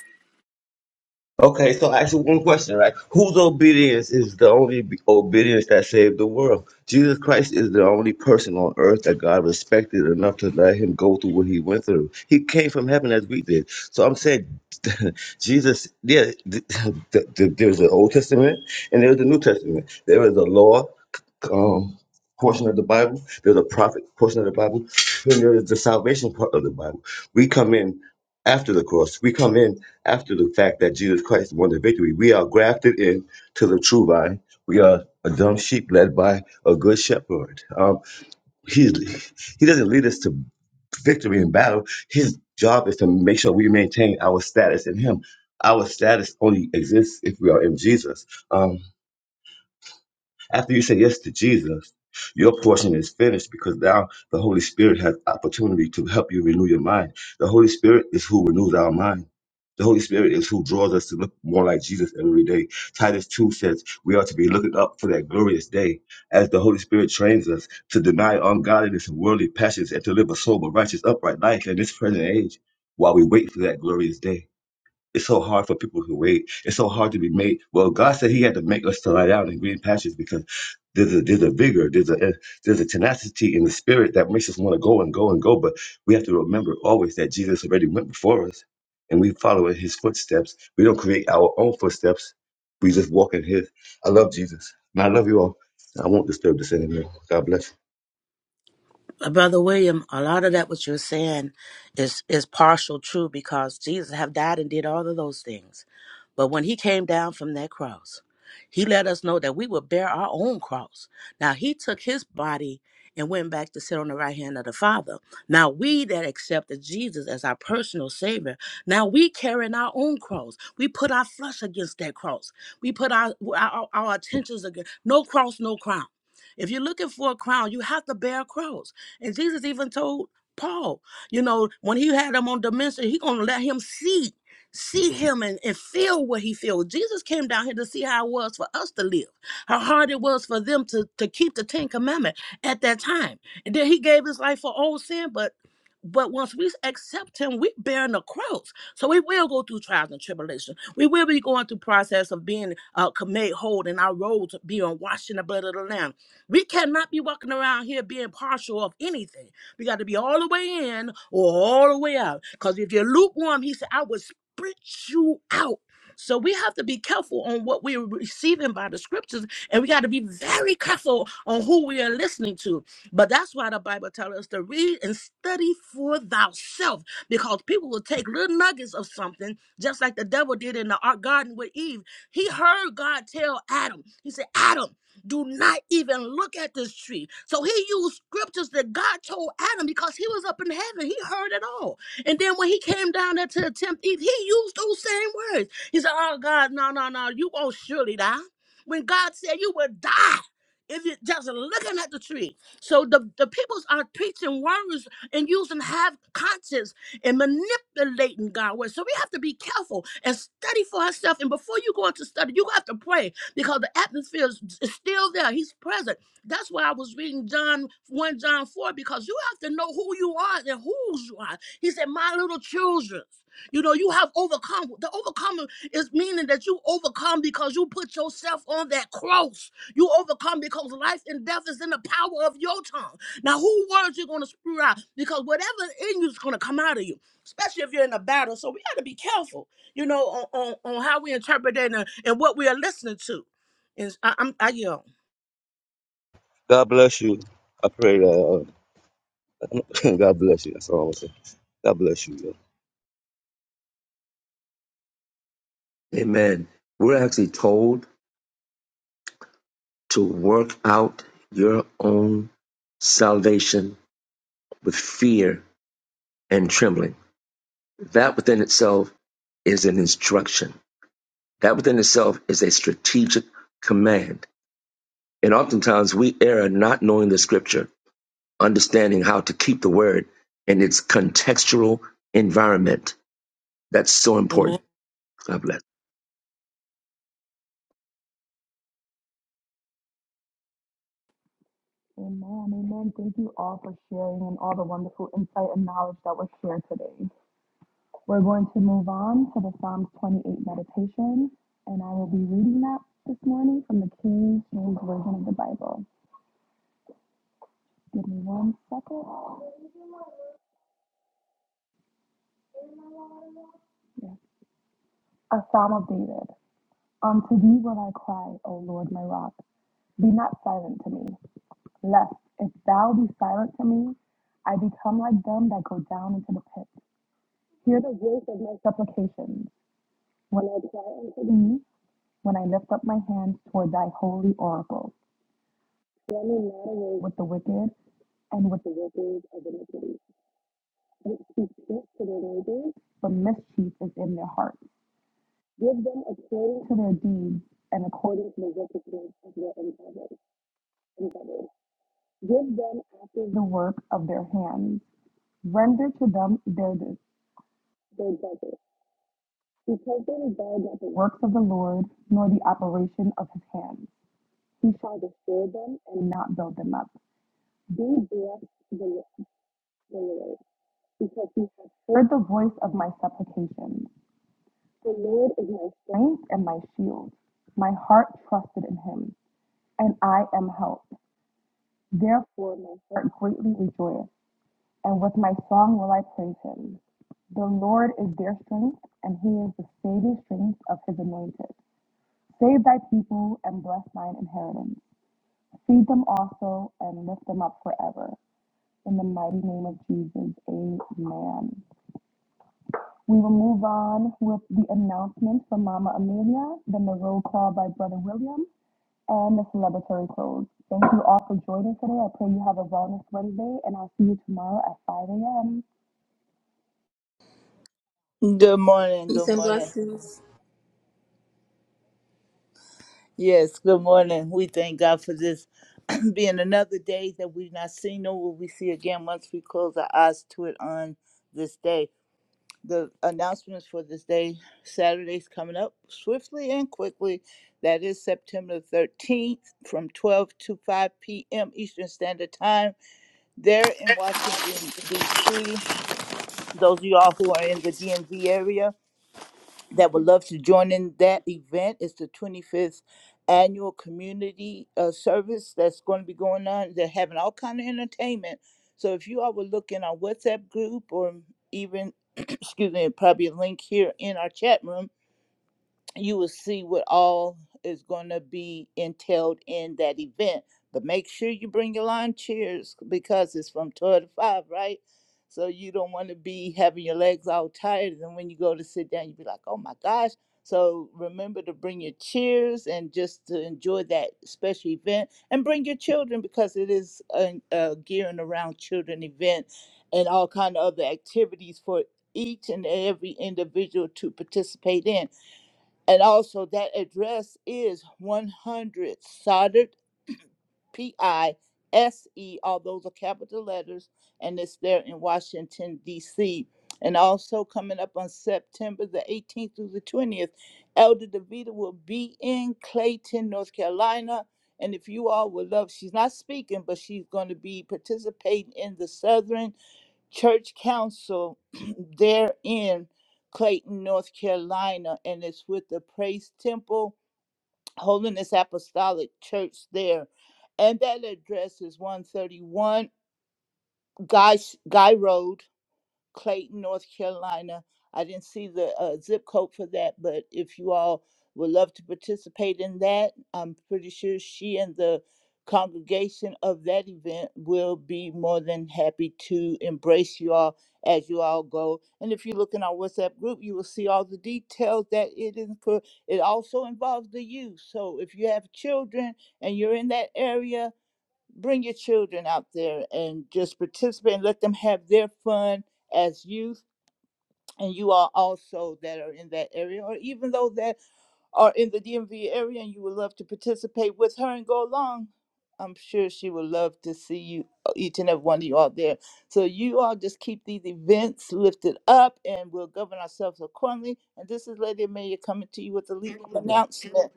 Speaker 6: Okay, so I ask you one question, right? Whose obedience is the only be- obedience that saved the world? Jesus Christ is the only person on earth that God respected enough to let him go through what he went through. He came from heaven as we did. So I'm saying, Jesus, yeah, th- th- th- there's the Old Testament and there's the New Testament. There is a law um, portion of the Bible, there's a prophet portion of the Bible, and there is the salvation part of the Bible. We come in after the cross, we come in after the fact that Jesus Christ won the victory. We are grafted in to the true vine. We are a dumb sheep led by a good shepherd. Um, he he doesn't lead us to victory in battle. His job is to make sure we maintain our status in Him. Our status only exists if we are in Jesus. Um, after you say yes to Jesus, your portion is finished because now the Holy Spirit has opportunity to help you renew your mind. The Holy Spirit is who renews our mind. The Holy Spirit is who draws us to look more like Jesus every day. Titus 2 says we are to be looking up for that glorious day as the Holy Spirit trains us to deny ungodliness and worldly passions and to live a sober, righteous, upright life in this present age while we wait for that glorious day. It's so hard for people to wait. It's so hard to be made. Well, God said He had to make us to lie down in green pastures because there's a there's a vigor, there's a there's a tenacity in the spirit that makes us want to go and go and go. But we have to remember always that Jesus already went before us, and we follow in His footsteps. We don't create our own footsteps. We just walk in His. I love Jesus, and I love you all. I won't disturb this anymore. God bless. you.
Speaker 7: Uh, Brother William, a lot of that what you're saying is is partial true because Jesus have died and did all of those things. But when he came down from that cross, he let us know that we would bear our own cross. Now he took his body and went back to sit on the right hand of the Father. Now we that accepted Jesus as our personal savior, now we carrying our own cross. We put our flesh against that cross. We put our our, our attentions against no cross, no crown. If you're looking for a crown, you have to bear a cross. And Jesus even told Paul, you know, when he had him on dementia, he gonna let him see, see him and, and feel what he feels. Jesus came down here to see how it was for us to live, how hard it was for them to, to keep the Ten Commandment at that time. And then he gave his life for all sin, but but once we accept him, we bearing the cross. So we will go through trials and tribulation. We will be going through process of being uh, made whole and our roads being washed in the blood of the Lamb we cannot be walking around here being partial of anything. We got to be all the way in or all the way out. Because if you're lukewarm, he said, I will spit you out. So we have to be careful on what we're receiving by the scriptures, and we got to be very careful on who we are listening to. But that's why the Bible tells us to read and study for thyself, because people will take little nuggets of something, just like the devil did in the ar- garden with Eve. He heard God tell Adam, He said, Adam do not even look at this tree. So he used scriptures that God told Adam because he was up in heaven. He heard it all. And then when he came down there to attempt Eve, he used those same words. He said, Oh God, no, no, no, you won't surely die. When God said you will die if you're just looking at the tree. So the, the peoples are preaching words and using half conscience and manipulating God word. So we have to be careful and study for ourselves. And before you go into study, you have to pray because the atmosphere is, is still there. He's present. That's why I was reading John 1 John 4 because you have to know who you are and whose you are. He said, My little children. You know, you have overcome. The overcomer is meaning that you overcome because you put yourself on that cross. You overcome because life and death is in the power of your tongue. Now, who words you're going to spew out? Because whatever in you is going to come out of you, especially if you're in a battle. So we got to be careful you know, on, on, on how we interpret it and, and what we are listening to. And I, I'm, I yell.
Speaker 6: God bless you. I pray that uh, God bless you. That's all I'm saying. God bless you.
Speaker 8: Amen. We're actually told to work out your own salvation with fear and trembling. That within itself is an instruction. That within itself is a strategic command. And oftentimes we err not knowing the scripture, understanding how to keep the word in its contextual environment. That's so
Speaker 7: Amen.
Speaker 8: important. God bless.
Speaker 4: Amen. Amen. Thank you all for sharing and all the wonderful insight and knowledge that was shared today. We're going to move on to the Psalms 28 meditation, and I will be reading that this morning from the King James Version of the Bible. Give me one second. Yeah. A Psalm of David. Unto thee will I cry, O Lord my rock. Be not silent to me, lest if thou be silent to me, I become like them that go down into the pit. Hear the voice of my supplications when I cry unto thee, when I lift up my hands toward thy holy oracle. Running not away with the wicked and with the workers of iniquity, which speak peace to their neighbors, but mischief is in their hearts. Give them according to their deeds and according to the wickedness of their endeavors. endeavors. Give them after the work of their hands. Render to them their, their desert, because they regard not the works of the Lord, nor the operation of his hands. He shall destroy them and not build them up. Be blessed, the, the Lord. because he has heard the voice of my supplications. The Lord is my strength and my shield. My heart trusted in him, and I am helped. Therefore, my heart greatly rejoiced, and with my song will I praise him. The Lord is their strength, and he is the saving strength of his anointed. Save thy people and bless thine inheritance. Feed them also and lift them up forever. In the mighty name of Jesus, amen. We will move on with the announcements from Mama Amelia, then the roll call by Brother William, and the celebratory close. Thank you all for joining today. I pray you have a wellness Wednesday, and I'll see you tomorrow at 5 a.m.
Speaker 10: Good morning.
Speaker 3: Peace
Speaker 10: Good
Speaker 3: and
Speaker 10: morning.
Speaker 3: blessings.
Speaker 10: Yes, good morning. We thank God for this being another day that we've not seen, nor will we see again once we close our eyes to it on this day. The announcements for this day, Saturday's coming up swiftly and quickly. That is September 13th from 12 to 5 p.m. Eastern Standard Time there in Washington, D.C. Those of y'all who are in the DMV area, that would love to join in that event. It's the 25th annual community uh, service that's going to be going on. They're having all kind of entertainment. So if you all would look in our WhatsApp group or even, excuse me, probably a link here in our chat room, you will see what all is going to be entailed in that event. But make sure you bring your lawn chairs because it's from 12 to 5, right? So you don't want to be having your legs all tired. And when you go to sit down, you be like, oh my gosh. So remember to bring your chairs and just to enjoy that special event and bring your children because it is a, a gearing around children event and all kind of other activities for each and every individual to participate in and also, that address is 100 Soldered, P I S E, all those are capital letters, and it's there in Washington, D.C. And also, coming up on September the 18th through the 20th, Elder DeVita will be in Clayton, North Carolina. And if you all would love, she's not speaking, but she's going to be participating in the Southern church council there in Clayton, North Carolina, and it's with the Praise Temple Holiness Apostolic Church there. And that address is 131 Guy, Guy Road Clayton, North Carolina. I didn't see the uh, zip code for that, but if you all would love to participate in that, I'm pretty sure she and the congregation of that event will be more than happy to embrace you all as you all go. And if you look in our WhatsApp group, you will see all the details that it is for. It also involves the youth. So if you have children and you're in that area, bring your children out there and just participate and let them have their fun as youth and you all also that are in that area or even though that are in the DMV area and you would love to participate with her and go along, I'm sure she would love to see you, uh, each and every one of you all there. So you all just keep these events lifted up and we'll govern ourselves accordingly. And this is Lady Amelia coming to you with a legal announcement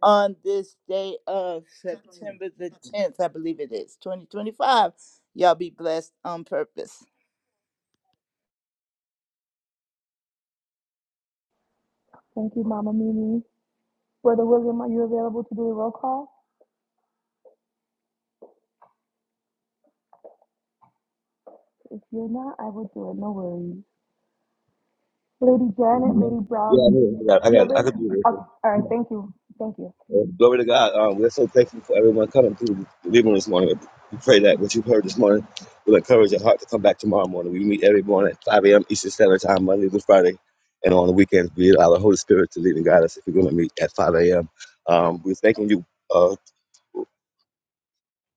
Speaker 10: on this day of September the 10th, I believe it is, 2025. Y'all be blessed on purpose.
Speaker 4: Thank you, Mama Mimi. Brother William, are you available to do the roll call? If you're not, I will do it. No worries. Lady Janet, Lady Brown,
Speaker 6: Yeah, I do. I got, I
Speaker 4: you're
Speaker 6: got, I
Speaker 4: available?
Speaker 6: could do
Speaker 4: Okay. All right.
Speaker 6: this.
Speaker 4: Thank you. Thank you.
Speaker 6: Well, glory to God. Um, we're so thankful for everyone coming through the living room this morning. We pray that what you've heard this morning will encourage your heart to come back tomorrow morning. We meet every morning at 5 a.m. Eastern Standard Time, Monday through Friday. And on the weekends, we allow the Holy Spirit to lead and guide us if we're going to meet at 5 a.m. Um, we're thanking you. uh,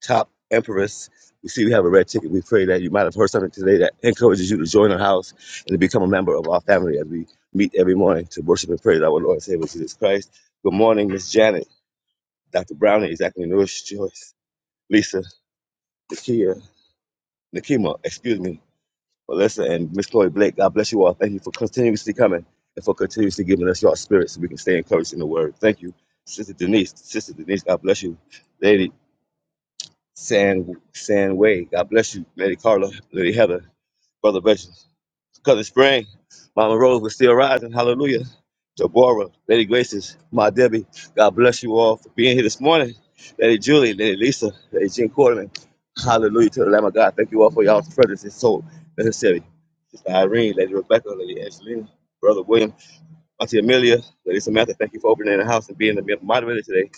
Speaker 6: top empress. We see we have a red ticket. We pray that you might have heard something today that encourages you to join our house and to become a member of our family as we meet every morning to worship and praise our Lord and Savior Jesus Christ. Good morning, Miss Janet, Dr. Browning, exactly Nourish Joyce, Lisa, Nakia, Nakima, excuse me, Melissa, and Miss Chloe Blake. God bless you all. Thank you for continuously coming and for continuously giving us your spirit so we can stay encouraged in the word. Thank you. Sister Denise, Sister Denise, God bless you. lady. San San Way. God bless you, Lady Carla, Lady Heather, Brother Precious, Cousin Spring, Mama Rose was still rising. Hallelujah. Deborah, Lady Graces, my Debbie. God bless you all for being here this morning. Lady Julie, Lady Lisa, Lady Jean Quarterman. Hallelujah to the Lamb of God. Thank you all for y'all's presence. It's so necessary. Sister Irene, Lady Rebecca, Lady Angelina, Brother William. Auntie Amelia, Lady Samantha, thank you for opening the house and being the moderator today.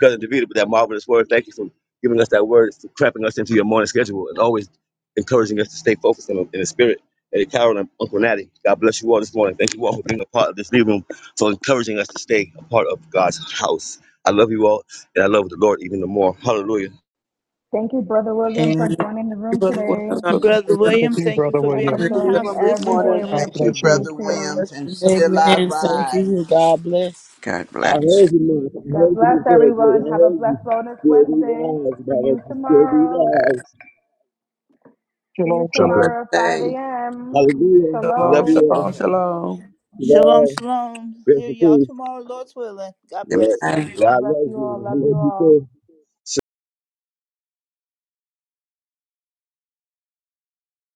Speaker 6: Cousin Davida, with that marvelous word, thank you for giving us that word, for cramping us into your morning schedule, and always encouraging us to stay focused in, in the spirit. Lady Carol and Uncle Natty, God bless you all this morning. Thank you all for being a part of this living room, for encouraging us to stay a part of God's house. I love you all, and I love the Lord even the more. Hallelujah.
Speaker 4: Thank you, Brother William, for
Speaker 7: Amen.
Speaker 4: joining the
Speaker 1: you,
Speaker 4: room
Speaker 1: Brother
Speaker 4: today
Speaker 1: Wells. Welcome
Speaker 10: Brother
Speaker 1: to
Speaker 2: Thank
Speaker 10: William,
Speaker 2: you,
Speaker 10: thank you
Speaker 2: Brother
Speaker 10: for
Speaker 4: and
Speaker 10: being
Speaker 4: for
Speaker 2: William.
Speaker 10: in
Speaker 1: the
Speaker 10: the
Speaker 4: joining
Speaker 10: house
Speaker 1: room this
Speaker 10: this
Speaker 4: every day.
Speaker 1: morning.
Speaker 4: We
Speaker 2: God
Speaker 10: morning.
Speaker 11: Thank you,
Speaker 2: bless you.
Speaker 4: appreciate
Speaker 11: Brother
Speaker 1: God
Speaker 4: you.
Speaker 1: bless
Speaker 11: Williams, and
Speaker 1: you. Have a
Speaker 11: still I
Speaker 12: Amen.
Speaker 1: blessed
Speaker 12: Thank
Speaker 1: day.
Speaker 11: rise.
Speaker 12: you. God bless.
Speaker 13: God
Speaker 6: I heard
Speaker 13: bless.
Speaker 6: you, Mom. I
Speaker 4: God
Speaker 6: heard you,
Speaker 4: bless
Speaker 6: Miss Doris, lady.
Speaker 4: everyone.
Speaker 6: I
Speaker 4: Have a
Speaker 6: heard you.
Speaker 4: blessed Wellness
Speaker 6: Still be
Speaker 4: Wednesday.
Speaker 6: wise,
Speaker 4: See
Speaker 6: brother.
Speaker 4: you
Speaker 6: Still be
Speaker 4: tomorrow.
Speaker 6: wise.
Speaker 4: See
Speaker 2: Shalom,
Speaker 4: you
Speaker 2: shalom.
Speaker 4: tomorrow at 5
Speaker 13: Say,
Speaker 4: a.m.
Speaker 6: Hallelujah.
Speaker 1: Shalom,
Speaker 6: Love you
Speaker 4: Shalom.
Speaker 6: all.
Speaker 1: shalom, shalom.
Speaker 6: Love.
Speaker 10: Shalom, shalom.
Speaker 6: Rest
Speaker 10: Hear
Speaker 6: in
Speaker 10: y'all
Speaker 6: peace.
Speaker 10: tomorrow, Lord's willing. God
Speaker 6: Love.
Speaker 10: bless.
Speaker 13: Amen.
Speaker 10: Love you all.
Speaker 4: God
Speaker 6: God
Speaker 4: bless
Speaker 6: loves
Speaker 4: you
Speaker 6: you.
Speaker 4: all. Love
Speaker 6: and I
Speaker 4: you
Speaker 6: love you
Speaker 4: all.
Speaker 6: too.